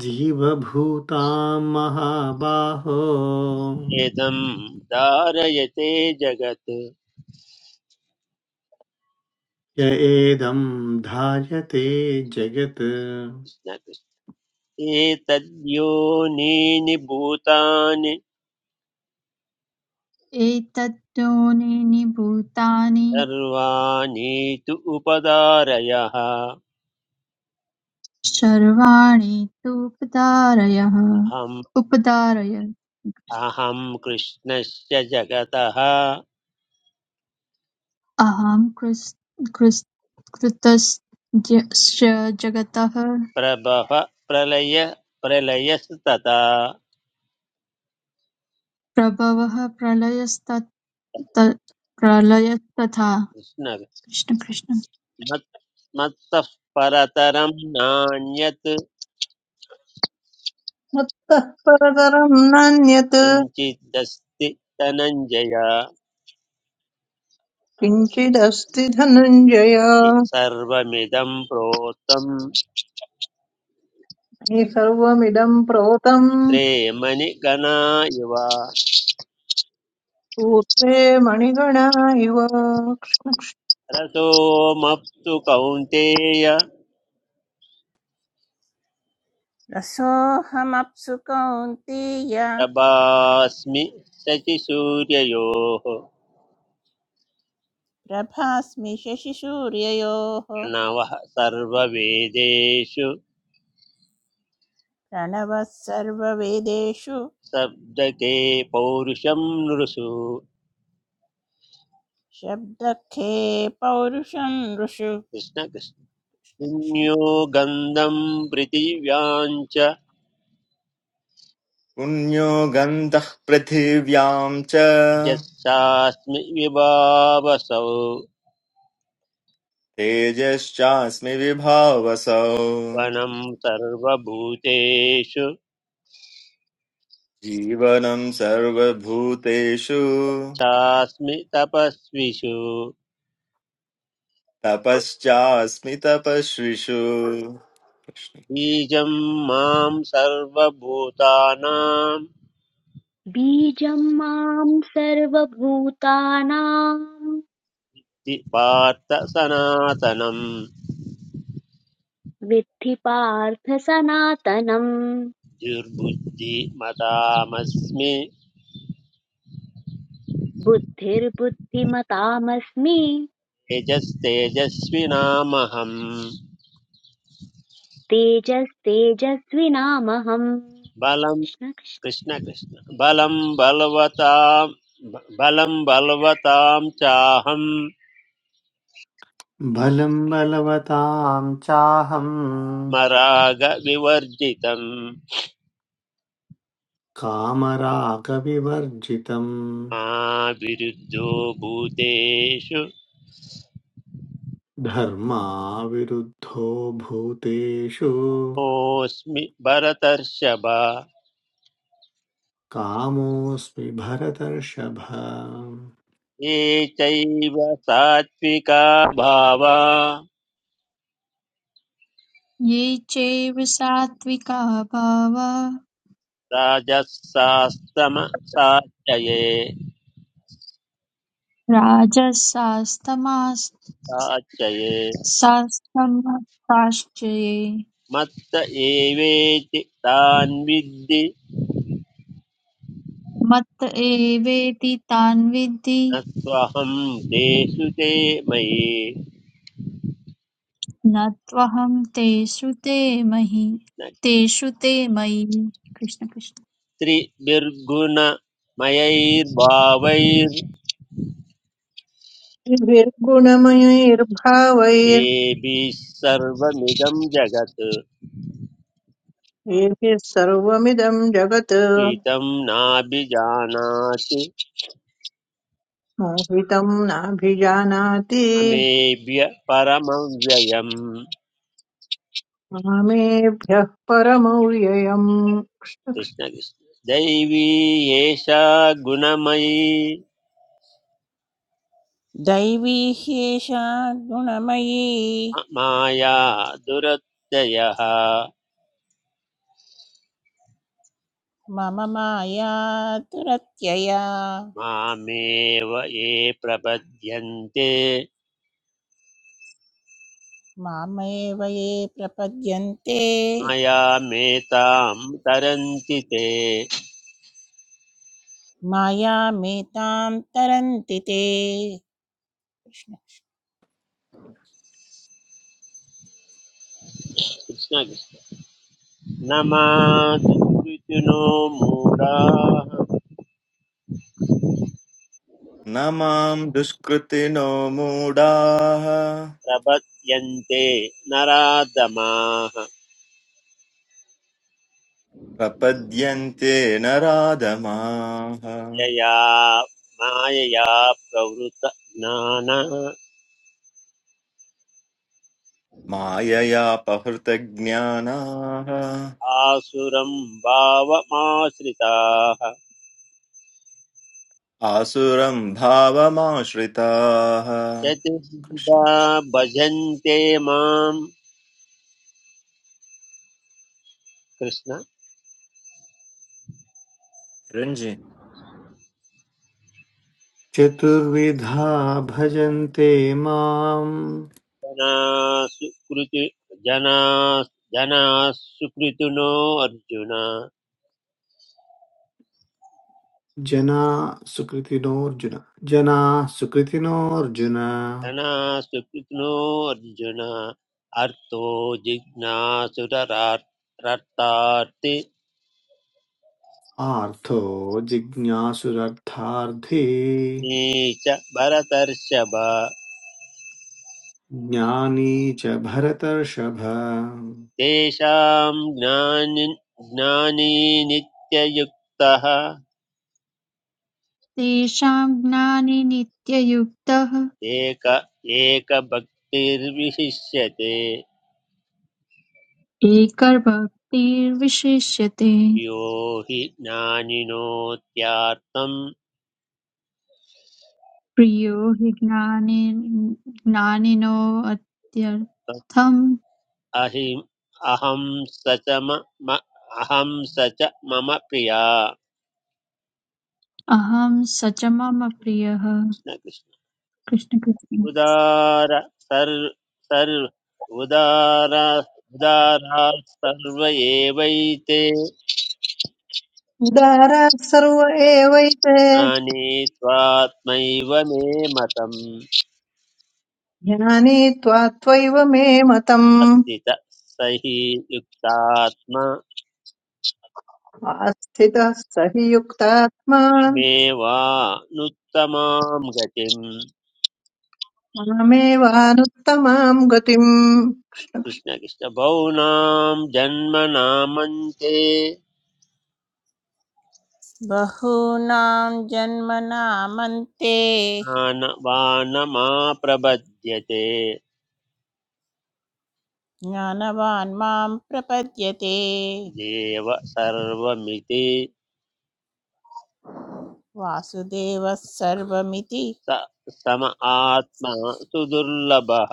[SPEAKER 4] जीवभूताम् महाबाहो
[SPEAKER 2] वेदं धारयते जगत्
[SPEAKER 4] य एदम् धायते जगत्
[SPEAKER 2] कृष्ण कृष्ण। एतद्योनीनि भूतानि
[SPEAKER 3] एतद्योनीनि भूतानि
[SPEAKER 2] सर्वाणि तु उपदारयः अहम्
[SPEAKER 3] सर्वाणि तु उपदारयः उपदारय
[SPEAKER 2] अहं कृष्णस्य जगतः
[SPEAKER 3] अहं कृस्- कृस्- कृतस्य जगतः
[SPEAKER 2] प्रभव प्रलय प्रलयस्तथा
[SPEAKER 3] प्रभवः प्रलयस्तत् प्रलयस्तथा
[SPEAKER 2] कृष्ण
[SPEAKER 3] कृष्ण कृष्ण
[SPEAKER 2] मत्- मत्तः परतरं नान्यत्
[SPEAKER 6] मत्तः परतरम् नान्यत्
[SPEAKER 2] किञ्चिदस्ति धनञ्जय
[SPEAKER 6] किञ्चिदस्ति धनञ्जय
[SPEAKER 2] सर्वमिदं प्रोतं
[SPEAKER 6] मे सर्वमिदं प्रोतम्
[SPEAKER 2] त्रे मणिगणा इव
[SPEAKER 6] सूत्रे मणिगणा इव
[SPEAKER 2] रसोऽमप्सु कौन्तेय
[SPEAKER 7] रसोऽहमप्सु कौन्तेय
[SPEAKER 2] प्रभास्मि शचिसूर्ययोः
[SPEAKER 7] प्रभास्मि शशिसूर्ययोः
[SPEAKER 2] प्रणवः सर्ववेदेषु
[SPEAKER 7] प्रणवः सर्ववेदेषु
[SPEAKER 2] शब्दके पौरुषं नृषु
[SPEAKER 7] शब्दखे पौरुषं ऋषु
[SPEAKER 2] कृष्ण कृष्ण पुण्यो गन्धं पृथिव्यां च
[SPEAKER 8] पुण्यो गन्धः पृथिव्याम् च
[SPEAKER 2] यस्यास्मि विभावसौ
[SPEAKER 8] तेजश्चास्मि विभावसौ
[SPEAKER 2] वनं सर्वभूतेषु
[SPEAKER 8] जीवनं सर्वभूतेषु
[SPEAKER 2] चास्मि तपस्विषु
[SPEAKER 8] तपश्चास्मि तपस्विषु
[SPEAKER 2] बीजं मां सर्वभूतानां
[SPEAKER 1] बीजं मां सर्वभूतानां
[SPEAKER 2] ति पार्थ सनातनं
[SPEAKER 1] विद्धि पार्थ सनातनम्
[SPEAKER 2] दुर्बुद्धिमतामस्मि
[SPEAKER 1] बुद्धिर्बुद्धिमतामस्मि
[SPEAKER 2] यजस्तేजस्विनामहं
[SPEAKER 1] तेजस्तेजस्विनामहम्
[SPEAKER 2] बलं कृष्ण कृष्ण बलं बलवतां बलं बलवतां चाहं
[SPEAKER 4] बलम् बलवताम् चाहम्
[SPEAKER 2] मरागविवर्जितं
[SPEAKER 4] कामरागविवर्जितम्
[SPEAKER 2] मा विरुद्धो भूतेषु
[SPEAKER 4] धर्माविरुद्धो भूतेषु
[SPEAKER 2] मोऽस्मि भरतर्षभ
[SPEAKER 4] कामोऽस्मि भरतर्षभ
[SPEAKER 2] ये चैव सात्विका भावा
[SPEAKER 3] ये चैव सात्विका भावा
[SPEAKER 2] राजसास्तम साच्चये
[SPEAKER 3] राजसास्तमास्तु
[SPEAKER 2] साच्चये
[SPEAKER 3] शास्त्रमत्ताश्चर्ये
[SPEAKER 2] मत्त एवेति तान् विद्धि
[SPEAKER 3] मत्त एवेति तान् विद्धि
[SPEAKER 2] न त्वहं तेषु ते मयि
[SPEAKER 3] न त्वहं तेषु ते मयि
[SPEAKER 2] न
[SPEAKER 3] तेषु ते मयि कृष्ण कृष्ण
[SPEAKER 2] त्रिभिर्गुणमयैर्भावैर्येभिः
[SPEAKER 6] क्षुक्षुभिर्गुणमयैर्भावैर्भिः
[SPEAKER 2] सर्वमिदं जगत्
[SPEAKER 6] सर्वमिदं जगत्
[SPEAKER 2] प्रीतं नाभिजानाति
[SPEAKER 6] मोहितं नाभिजानाति
[SPEAKER 2] मेभ्य परमव्ययम्
[SPEAKER 6] मामेभ्यः परमव्ययम्
[SPEAKER 2] कृष्ण कृष्ण दैवी एषा गुणमयी
[SPEAKER 7] दैवी ह्येषा गुणमयी
[SPEAKER 2] माया दुरत्ययः
[SPEAKER 7] मम माया तुरत्यया
[SPEAKER 2] मामेव ये प्रपद्यन्ते
[SPEAKER 7] मामेव ये प्रपद्यन्ते
[SPEAKER 2] मायामेतां तरन्ति ते
[SPEAKER 7] मायामेतां तरन्ति ते कृष्ण कृष्ण।
[SPEAKER 2] कृष्ण कृष्ण न मातृनो मूढाः
[SPEAKER 8] न माम् दुष्कृतिनो मूढाः
[SPEAKER 2] प्रपद्यन्ते नराधमाः
[SPEAKER 8] प्रपद्यन्ते न राधमाः
[SPEAKER 2] यया मायया प्रवृत प्रवृतज्ञाना
[SPEAKER 8] माययापहृतज्ञानाः
[SPEAKER 2] आसुरं भावमाश्रिताः
[SPEAKER 8] आसुरं भावमाश्रिताः
[SPEAKER 2] चतुर्विधा
[SPEAKER 8] कृष्ण कृष्ण
[SPEAKER 2] भजन्ते मां कृष्ण
[SPEAKER 8] रञ्जि
[SPEAKER 4] चतुर्विधा भजन्ते माम्
[SPEAKER 2] जनासु कृति जना जना सुकृतिनो अर्जुन
[SPEAKER 4] जना सुकृतिनोऽर्जुन जना सुकृतिनोऽर्जुन
[SPEAKER 2] जना अर्जुन अर्थो जिज्ञासुररार्थार्थि
[SPEAKER 4] आर्थो जिज्ञासुरर्थार्थी
[SPEAKER 2] नीच भरतर्षभ
[SPEAKER 4] ज्ञानी च भरतर्षभ
[SPEAKER 2] तेषां ज्ञानि ज्ञानी नित्ययुक्तः
[SPEAKER 3] तेषां ज्ञाने नित्ययुक्तः
[SPEAKER 2] एक एकभक्तिर्विशिष्यते
[SPEAKER 3] एकभक्तिर्विशिष्यते
[SPEAKER 2] यो हि ज्ञानिनोत्यार्थम्
[SPEAKER 3] प्रियो हि ज्ञाने ज्ञानिनोऽत्यर्थम्
[SPEAKER 2] अहि अहं स च मम अहं स च मम प्रिया
[SPEAKER 3] अहं स च मम प्रियः
[SPEAKER 2] कृष्ण कृष्ण
[SPEAKER 3] कृष्ण कृष्ण
[SPEAKER 2] उदार सर् सर् उदार उदारा सर्व एवैते
[SPEAKER 6] उदारा सर्व एवैते
[SPEAKER 2] ज्ञानीत्वात्मैव मे मतम्
[SPEAKER 6] ज्ञानी त्वा त्वैव मे मतम्
[SPEAKER 2] अस्ति च युक्तात्मा
[SPEAKER 6] आस्थितः स हि युक्तात्मा
[SPEAKER 2] मेवानुत्तमां गतिम्
[SPEAKER 6] मामेवानुत्तमां गतिम्
[SPEAKER 2] कृष्णकृष्ण बहूनां जन्मनामन्ते
[SPEAKER 7] बहूनां जन्मनामन्ते
[SPEAKER 2] वानमाप्रबध्यते
[SPEAKER 7] ज्ञानवान् मां प्रपद्यते
[SPEAKER 2] देव सर्वमिति
[SPEAKER 7] वासुदेवः सर्वमिति
[SPEAKER 2] स सम आत्मा सुदुर्लभः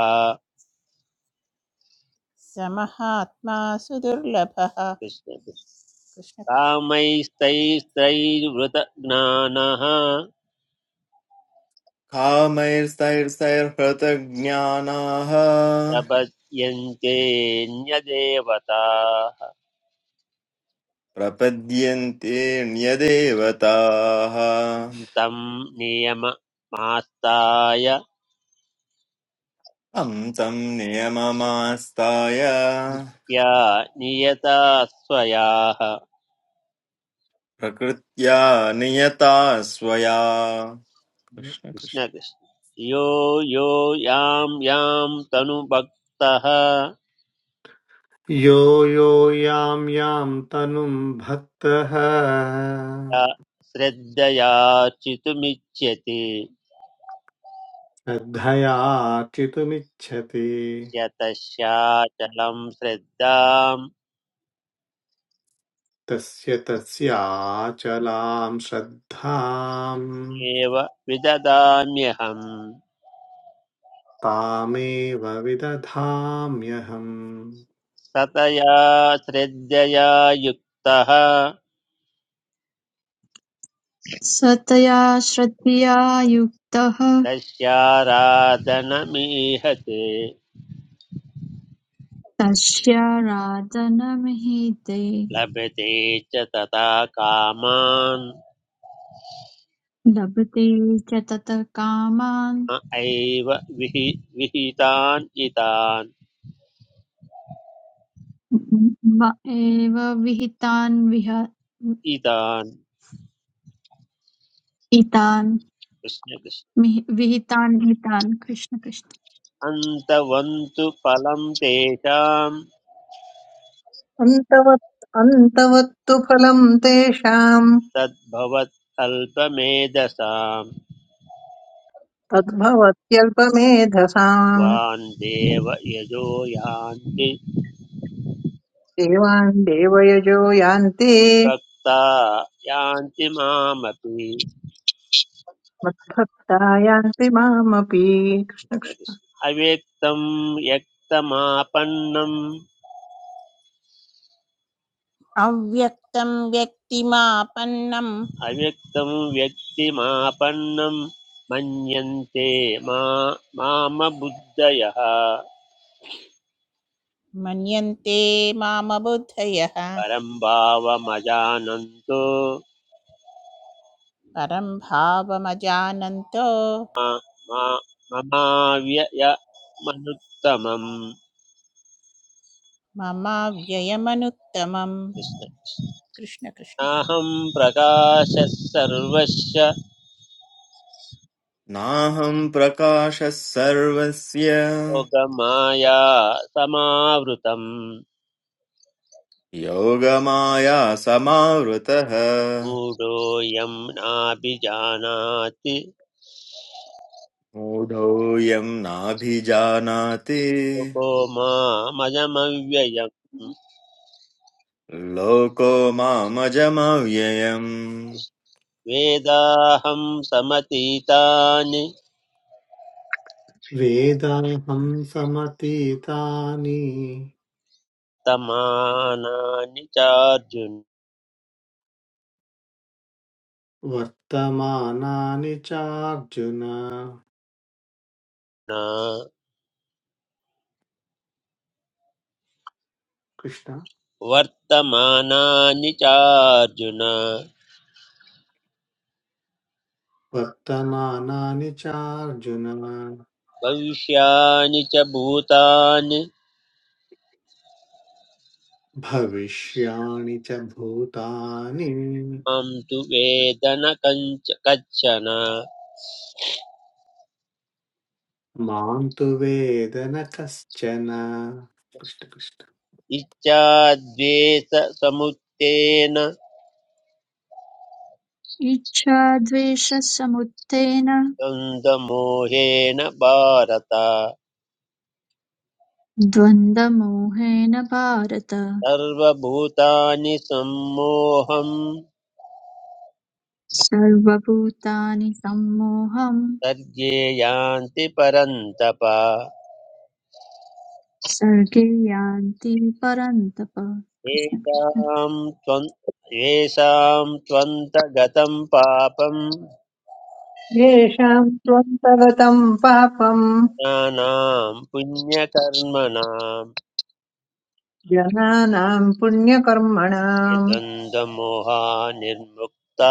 [SPEAKER 7] समहात्मा सुदुर्लभः
[SPEAKER 2] कृष्ण कृष्ण
[SPEAKER 7] कृष्ण कृष्ण।
[SPEAKER 2] कामैस्तैस्त्रैर्वृत ज्ञानः
[SPEAKER 8] कामैस्तैर्स्तैर्हृतज्ञानाः
[SPEAKER 2] प्रपद्यन्तेऽन्यदेवताः
[SPEAKER 8] प्रपद्यन्ते ण्यदेवताः
[SPEAKER 2] तं नियममास्ताय
[SPEAKER 8] तं तं नियममास्ताय
[SPEAKER 2] नित्या नियता स्वयाः
[SPEAKER 8] प्रकृत्या नियता स्वया कृष्ण कृष्ण
[SPEAKER 2] कृष्णकृष्ण यो यो यां यां तनुभक्तः
[SPEAKER 4] यो यो यां यां तनुं भक्तः
[SPEAKER 2] या श्रद्धयार्चितुमिच्छति
[SPEAKER 4] श्रद्धयार्चितुमिच्छति
[SPEAKER 2] यतश्चाचलं श्रद्धाम्
[SPEAKER 4] तस्य तस्याचलां श्रद्धाम्
[SPEAKER 2] एव विददाम्यहम्
[SPEAKER 4] तामेव विदधाम्यहम्
[SPEAKER 2] सतया श्रद्धया युक्तः
[SPEAKER 3] सतया श्रद्धया युक्तः
[SPEAKER 2] तस्याराधनमीहते
[SPEAKER 3] तस्याराधनमहीते
[SPEAKER 2] लभते च तथा कामान्
[SPEAKER 3] लभते च ततः कामान्
[SPEAKER 2] न एव विहि विहितान् इतान्
[SPEAKER 3] म एव विहितान् विह-
[SPEAKER 2] इतान्
[SPEAKER 3] इतान्
[SPEAKER 2] कृष्णकृष्ण
[SPEAKER 3] मिहि- विहितान् हितान् कृष्ण कृष्ण
[SPEAKER 2] अन्तवन्तु फलं तेषां
[SPEAKER 6] अन्तवत् अन्तवत्तु फलम् तेषाम्
[SPEAKER 2] तद्भवत् अल्पमेधसां
[SPEAKER 6] तद्भवत्यल्पमेधसाम्
[SPEAKER 2] वान् देव यजो यान्ति
[SPEAKER 6] देवान् देवयजो यान्ति
[SPEAKER 2] भक्ता यान्ति मामपि
[SPEAKER 6] मद्भक्ता यान्ति मामपि
[SPEAKER 2] अव्यक्तं व्यक्तमापन्नम्
[SPEAKER 7] अव्यक्तं व्यक्तिमापन्नं
[SPEAKER 2] अव्यक्तं व्यक्तिमापन्नं मन्यन्ते मा मामबुद्धयः
[SPEAKER 7] मन्यन्ते मामबुद्धयः
[SPEAKER 2] परं भावमजानन्तो
[SPEAKER 7] परं भावमजानन्तो
[SPEAKER 2] मा
[SPEAKER 7] मम व्ययमनुत्तमम् कृष्ण कृष्ण
[SPEAKER 2] नाहं प्रकाशः सर्वस्य
[SPEAKER 8] नाहं प्रकाशः सर्वस्य
[SPEAKER 2] योगमाया समावृतम्
[SPEAKER 8] योगमाया समावृतः
[SPEAKER 2] मूढोऽयं नाभिजानाति
[SPEAKER 8] मूढोऽयं नाभिजानाति
[SPEAKER 2] लोको मामजमव्ययम्
[SPEAKER 8] लोको मामजमव्ययम्
[SPEAKER 2] वेदाहं समतीतानि
[SPEAKER 4] वेदाहं समतीतानि
[SPEAKER 2] तमानानि चार्जुन
[SPEAKER 4] वर्तमानानि चार्जुन कृष्ण
[SPEAKER 2] वर्तमानानि चार्जुन
[SPEAKER 4] वर्तमानानि चार्जुन
[SPEAKER 2] भविष्यानि च भूतानि
[SPEAKER 4] भविष्याणि च भूतानि
[SPEAKER 2] मां तु वेद न कञ्च कच्छन
[SPEAKER 4] మాం తు వేదన కశ్చన కృష్ణ కృష్ణ
[SPEAKER 2] इच्छाद्वेषसमुत्थेन
[SPEAKER 3] इच्छा द्वेषसमुत्थेन
[SPEAKER 2] द्वन्द्वमोहेन भारत
[SPEAKER 3] द्वन्द्वमोहेन भारत
[SPEAKER 2] सर्वभूतानि सम्मोहं
[SPEAKER 3] सर्वभूतानि सम्मोहं
[SPEAKER 2] सर्गे यान्ति परन्तप
[SPEAKER 3] सर्गे यान्ति परन्तप कृष्ण कृष्ण
[SPEAKER 2] येषां त्वं येषां त्वन्तगतं पापम्
[SPEAKER 6] येषाम् त्वन्तगतम् पापम्
[SPEAKER 2] ज्ञानां पुण्यकर्मणां
[SPEAKER 6] जनानाम्
[SPEAKER 2] ये
[SPEAKER 6] पुण्यकर्मणाम्
[SPEAKER 2] द्वन्द्वमोहा निर्मुक्ता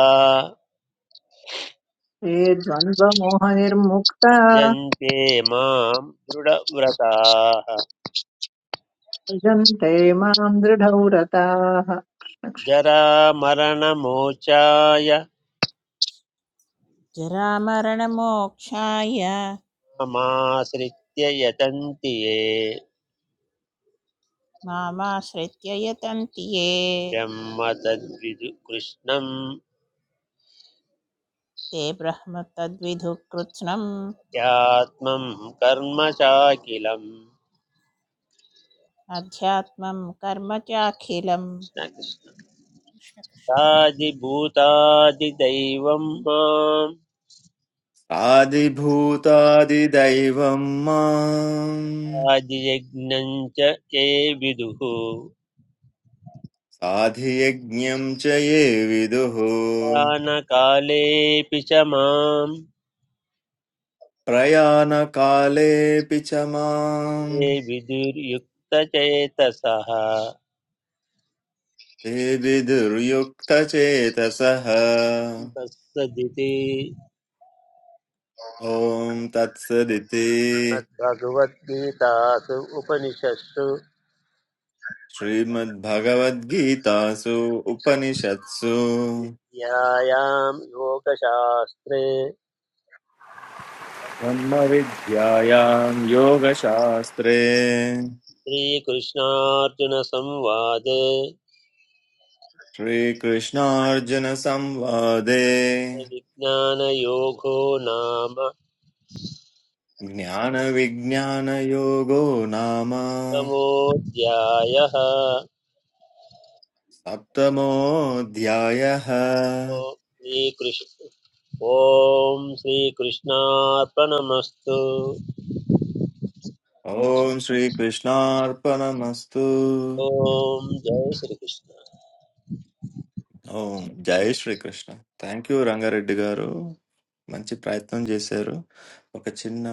[SPEAKER 6] ते द्वन्द्वमोहनिर्मुक्ता
[SPEAKER 2] भजन्ते मां दृढव्रताः
[SPEAKER 6] भजन्ते माम् दृढव्रताः
[SPEAKER 2] जरामरणमोचाय
[SPEAKER 7] जरामरणमोक्षाय
[SPEAKER 2] मामाश्रित्य यतन्ति ये
[SPEAKER 7] मामाश्रित्य यतन्ति ये
[SPEAKER 2] ब्रह्म तद्विदु कृष्णं
[SPEAKER 7] ते ब्रह्म तद्विधु कृत्स्नम्
[SPEAKER 2] ध्यात्मं कर्म चाखिलम्
[SPEAKER 7] अध्यात्मं कर्म चाखिलम्
[SPEAKER 2] कृष्णकृष्ण
[SPEAKER 7] कृष्ण कृष्ण
[SPEAKER 2] आदिभूतादिदैवं माम्
[SPEAKER 8] साधिभूतादिदैवं माम्
[SPEAKER 2] आदियज्ञं च ये विदुः
[SPEAKER 8] साधियज्ञं च ये विदुः
[SPEAKER 2] यानकालेऽपि च मां
[SPEAKER 8] प्रयाणकालेऽपि च माम्
[SPEAKER 2] ये विदुर्युक्तचेतसः
[SPEAKER 8] ते विदुर्युक्तचेतसः
[SPEAKER 2] तत्सदिति
[SPEAKER 8] ॐ तत्सदिति
[SPEAKER 2] श्रीमद्भगवद्गीतासु उपनिषत्सु
[SPEAKER 8] श्रीमद्भगवद्गीतासु उपनिषत्सु
[SPEAKER 2] विद्यायां योगशास्त्रे
[SPEAKER 8] ब्रह्मविद्यायां योगशास्त्रे
[SPEAKER 2] श्रीकृष्णार्जुनसंवादे
[SPEAKER 8] श्रीकृष्णार्जुनसंवादे
[SPEAKER 2] विज्ञानयोगो नाम
[SPEAKER 8] ज्ञानविज्ञानयोगो नाम
[SPEAKER 2] तमोऽध्यायः
[SPEAKER 8] सप्तमोऽध्यायः
[SPEAKER 2] श्रीकृष्ण ॐ श्रीकृष्णार्पणमस्तु
[SPEAKER 8] ॐ श्रीकृष्णार्पणमस्तु
[SPEAKER 2] ॐ जय श्रीकृष्ण
[SPEAKER 8] ఓం జై శ్రీకృష్ణ థ్యాంక్ యూ రంగారెడ్డి గారు మంచి ప్రయత్నం చేశారు ఒక చిన్న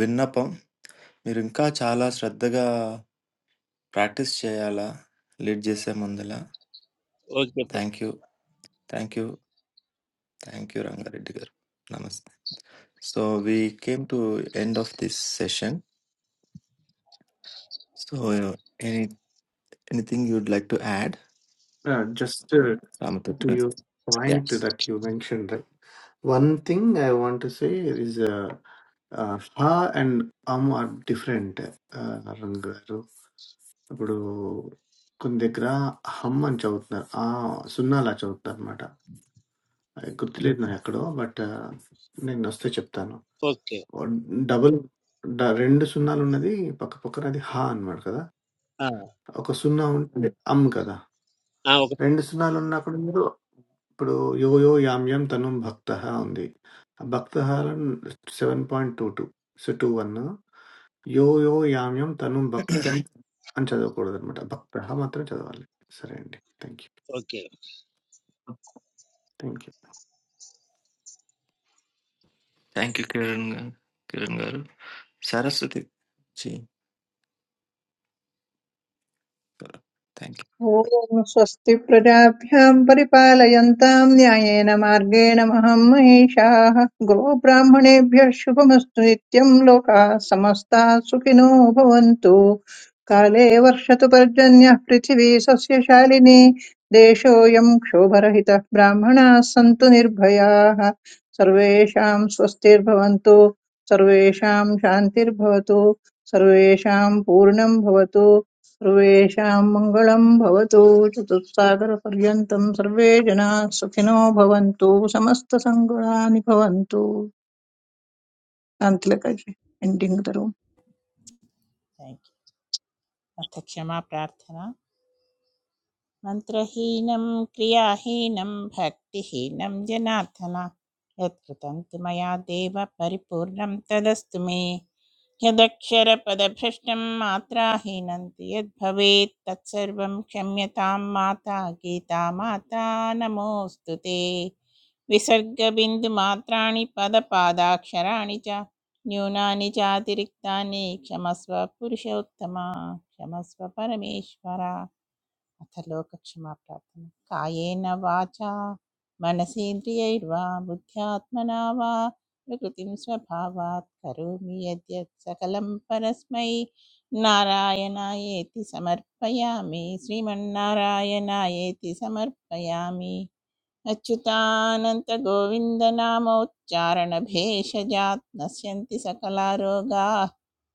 [SPEAKER 8] విన్నపం మీరు ఇంకా చాలా శ్రద్ధగా ప్రాక్టీస్ చేయాలా? లీడ్ చేసే ముందల.
[SPEAKER 2] ओके प्र-
[SPEAKER 8] thank you. Thank you. Thank you Ranga Reddy గారు. నమస్తే. So we came to end of this session. So any anything you would like to add?
[SPEAKER 4] Just
[SPEAKER 8] Ramathoti
[SPEAKER 4] to
[SPEAKER 8] గారు.
[SPEAKER 4] Your point
[SPEAKER 8] yes.
[SPEAKER 4] That you mention that one thing I want to say is హా and um are different Rang గారు ఇప్పుడు కొన్ని దగ్గర హమ్ అని చదువుతున్నారు ఆ సున్నాలా చదువుతున్నారు అనమాట గుర్తులేదు నాకు ఎక్కడో బట్ uh, నేను వస్తే చెప్తాను
[SPEAKER 2] ओके
[SPEAKER 4] డబుల్ రెండు సున్నాలు ఉన్నది పక్క పక్కన అది హా అన్నమాట కదా
[SPEAKER 2] हाँ
[SPEAKER 4] ఒక సున్నా ఉంటుంది అమ్ కదా
[SPEAKER 2] हाँ, ओके
[SPEAKER 4] రెండు సున్నాలు ఉన్నా కూడా మీరు ఇప్పుడు యో యో యామ్ యామ్ తను భక్త ఉంది భక్త seven point two two so two one యో యో యామ్ యామ్ తను భక్త అని చదవకూడదు అనమాట భక్త మాత్రం చదవాలి సరే అండి thank you
[SPEAKER 2] okay
[SPEAKER 4] thank you
[SPEAKER 8] thank you Kiran గారు. కిరణ్ గారు. సరస్వతి జీ గారు. Thank you.
[SPEAKER 6] ॐ स्वस्ति प्रजाभ्याम् परिपालयन्ताम् न्यायेन मार्गेण महम् महिषाः गोब्राह्मणेभ्यः शुभमस्तु नित्यम् लोकाः समस्ताः सुखिनो भवन्तु काले वर्षतु पर्जन्यः पृथिवी सस्यशालिनी देशोऽयम् क्षोभरहितः ब्राह्मणाः सन्तु निर्भयाः सर्वेषाम् स्वस्तिर्भवन्तु सर्वेषाम् शान्तिर्भवतु सर्वेषाम् पूर्णम् भवतु सर्वेषां मङ्गलं भवतु चतुस्सागरपर्यन्तं सर्वे जनाः सुखिनो भवन्तु समस्तसङ्गणानि भवन्तु शान्तिलकजी एण्डिङ्ग् द रूम्
[SPEAKER 7] अथ क्षमाप्रार्थना मन्त्रहीनं क्रियाहीनं भक्तिहीनं जनार्दन यत्कृतं तु मया देव परिपूर्णं तदस्तु मे यदक्षरपदभ्रष्टं मात्राहीनं तु यद्भवेत् तत्सर्वं क्षम्यतां माता गीता माता नमोऽस्तु ते विसर्गबिन्दुमात्राणि पदपादाक्षराणि च न्यूनानि चातिरिक्तानि क्षमस्व पुरुषोत्तम क्षमस्व परमेश्वर अथ लोकक्षमा प्रार्थना कायेन वाचा मनसेन्द्रियैर्वा बुद्ध्यात्मना वा प्रकृतिं स्वभावात् करोमि यद्यत् सकलं परस्मै नारायणायेति समर्पयामि श्रीमन्नारायणायेति समर्पयामि अच्युतानन्तगोविन्दनामोच्चारणभेषजात् नश्यन्ति सकलारोगाः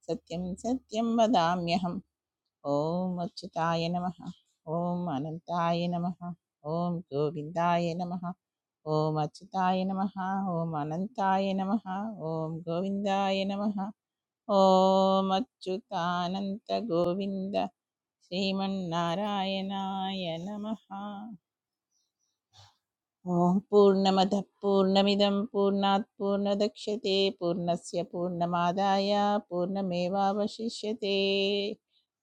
[SPEAKER 7] सत्यं सत्यं वदाम्यहम् ॐ अच्युताय नमः ॐ अनन्ताय नमः ॐ गोविन्दाय नमः ॐ अच्युताय नमः ॐ अनन्ताय नमः ॐ गोविन्दाय नमः ॐ अच्युतानन्तगोविन्द श्रीमन्नारायणाय नमः ॐ पूर्णमदः पूर्णमिदं पूर्णात् पूर्णदक्ष्यते पूर्णस्य पूर्णमादाय पूर्णमेवावशिष्यते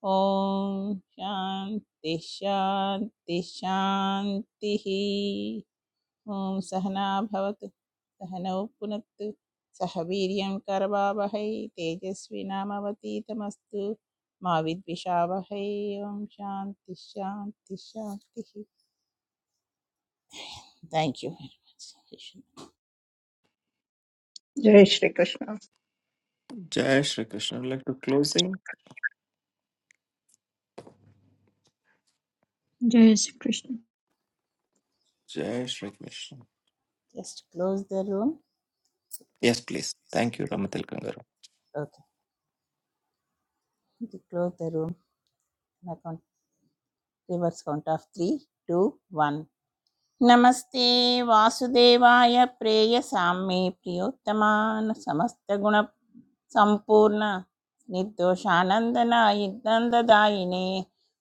[SPEAKER 7] ॐ शान्ति शान्ति शान्तिः ॐ सहना भवतु सहनौ पुनत्तु सह वीर्यं करवावहै तेजस्विनामवतीतमस्तु मा विद्विषावहै ॐ शान्ति शान्ति शान्तिः थैंक यू वेरी मच
[SPEAKER 6] जय श्रीकृष्ण
[SPEAKER 8] జై Shri Krishna. Would like to closing.
[SPEAKER 3] जय श्री कृष्ण
[SPEAKER 8] జై Shri Krishna.
[SPEAKER 7] Just close the room.
[SPEAKER 8] Yes
[SPEAKER 7] Yes,
[SPEAKER 8] please.
[SPEAKER 7] please.
[SPEAKER 8] Thank you
[SPEAKER 7] Thank
[SPEAKER 8] Ramathilakam గారు.
[SPEAKER 7] Okay. To close the room. Now count reverse count of three, two, one. నమస్తే వాసుదేవాయ ప్రేయ సామ్యే ప్రియోత్తమాన్ సమస్త గుణ సంపూర్ణ నిర్దోషానందనాయ దందదాయినే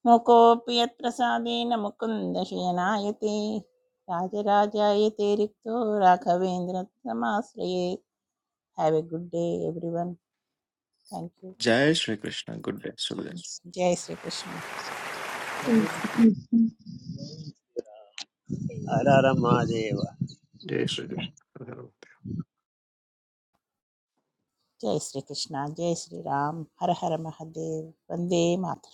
[SPEAKER 7] ముకోపి యత్ ప్రసాదేన ముకుంద శయనాయతే రాజరాజాయతే రిక్తో రాఘవేంద్ర తమాశ్రయే have a good day everyone thank you
[SPEAKER 8] జై శ్రీకృష్ణ. Good day. శుభోదయం.
[SPEAKER 7] जय श्री कृष्ण
[SPEAKER 3] जय श्री
[SPEAKER 2] हर
[SPEAKER 3] कृष्ण
[SPEAKER 2] हर महादेव
[SPEAKER 4] జై శ్రీకృష్ణ
[SPEAKER 7] जय श्री कृष्ण जय श्री राम हर हर महादेव वंदे मातरम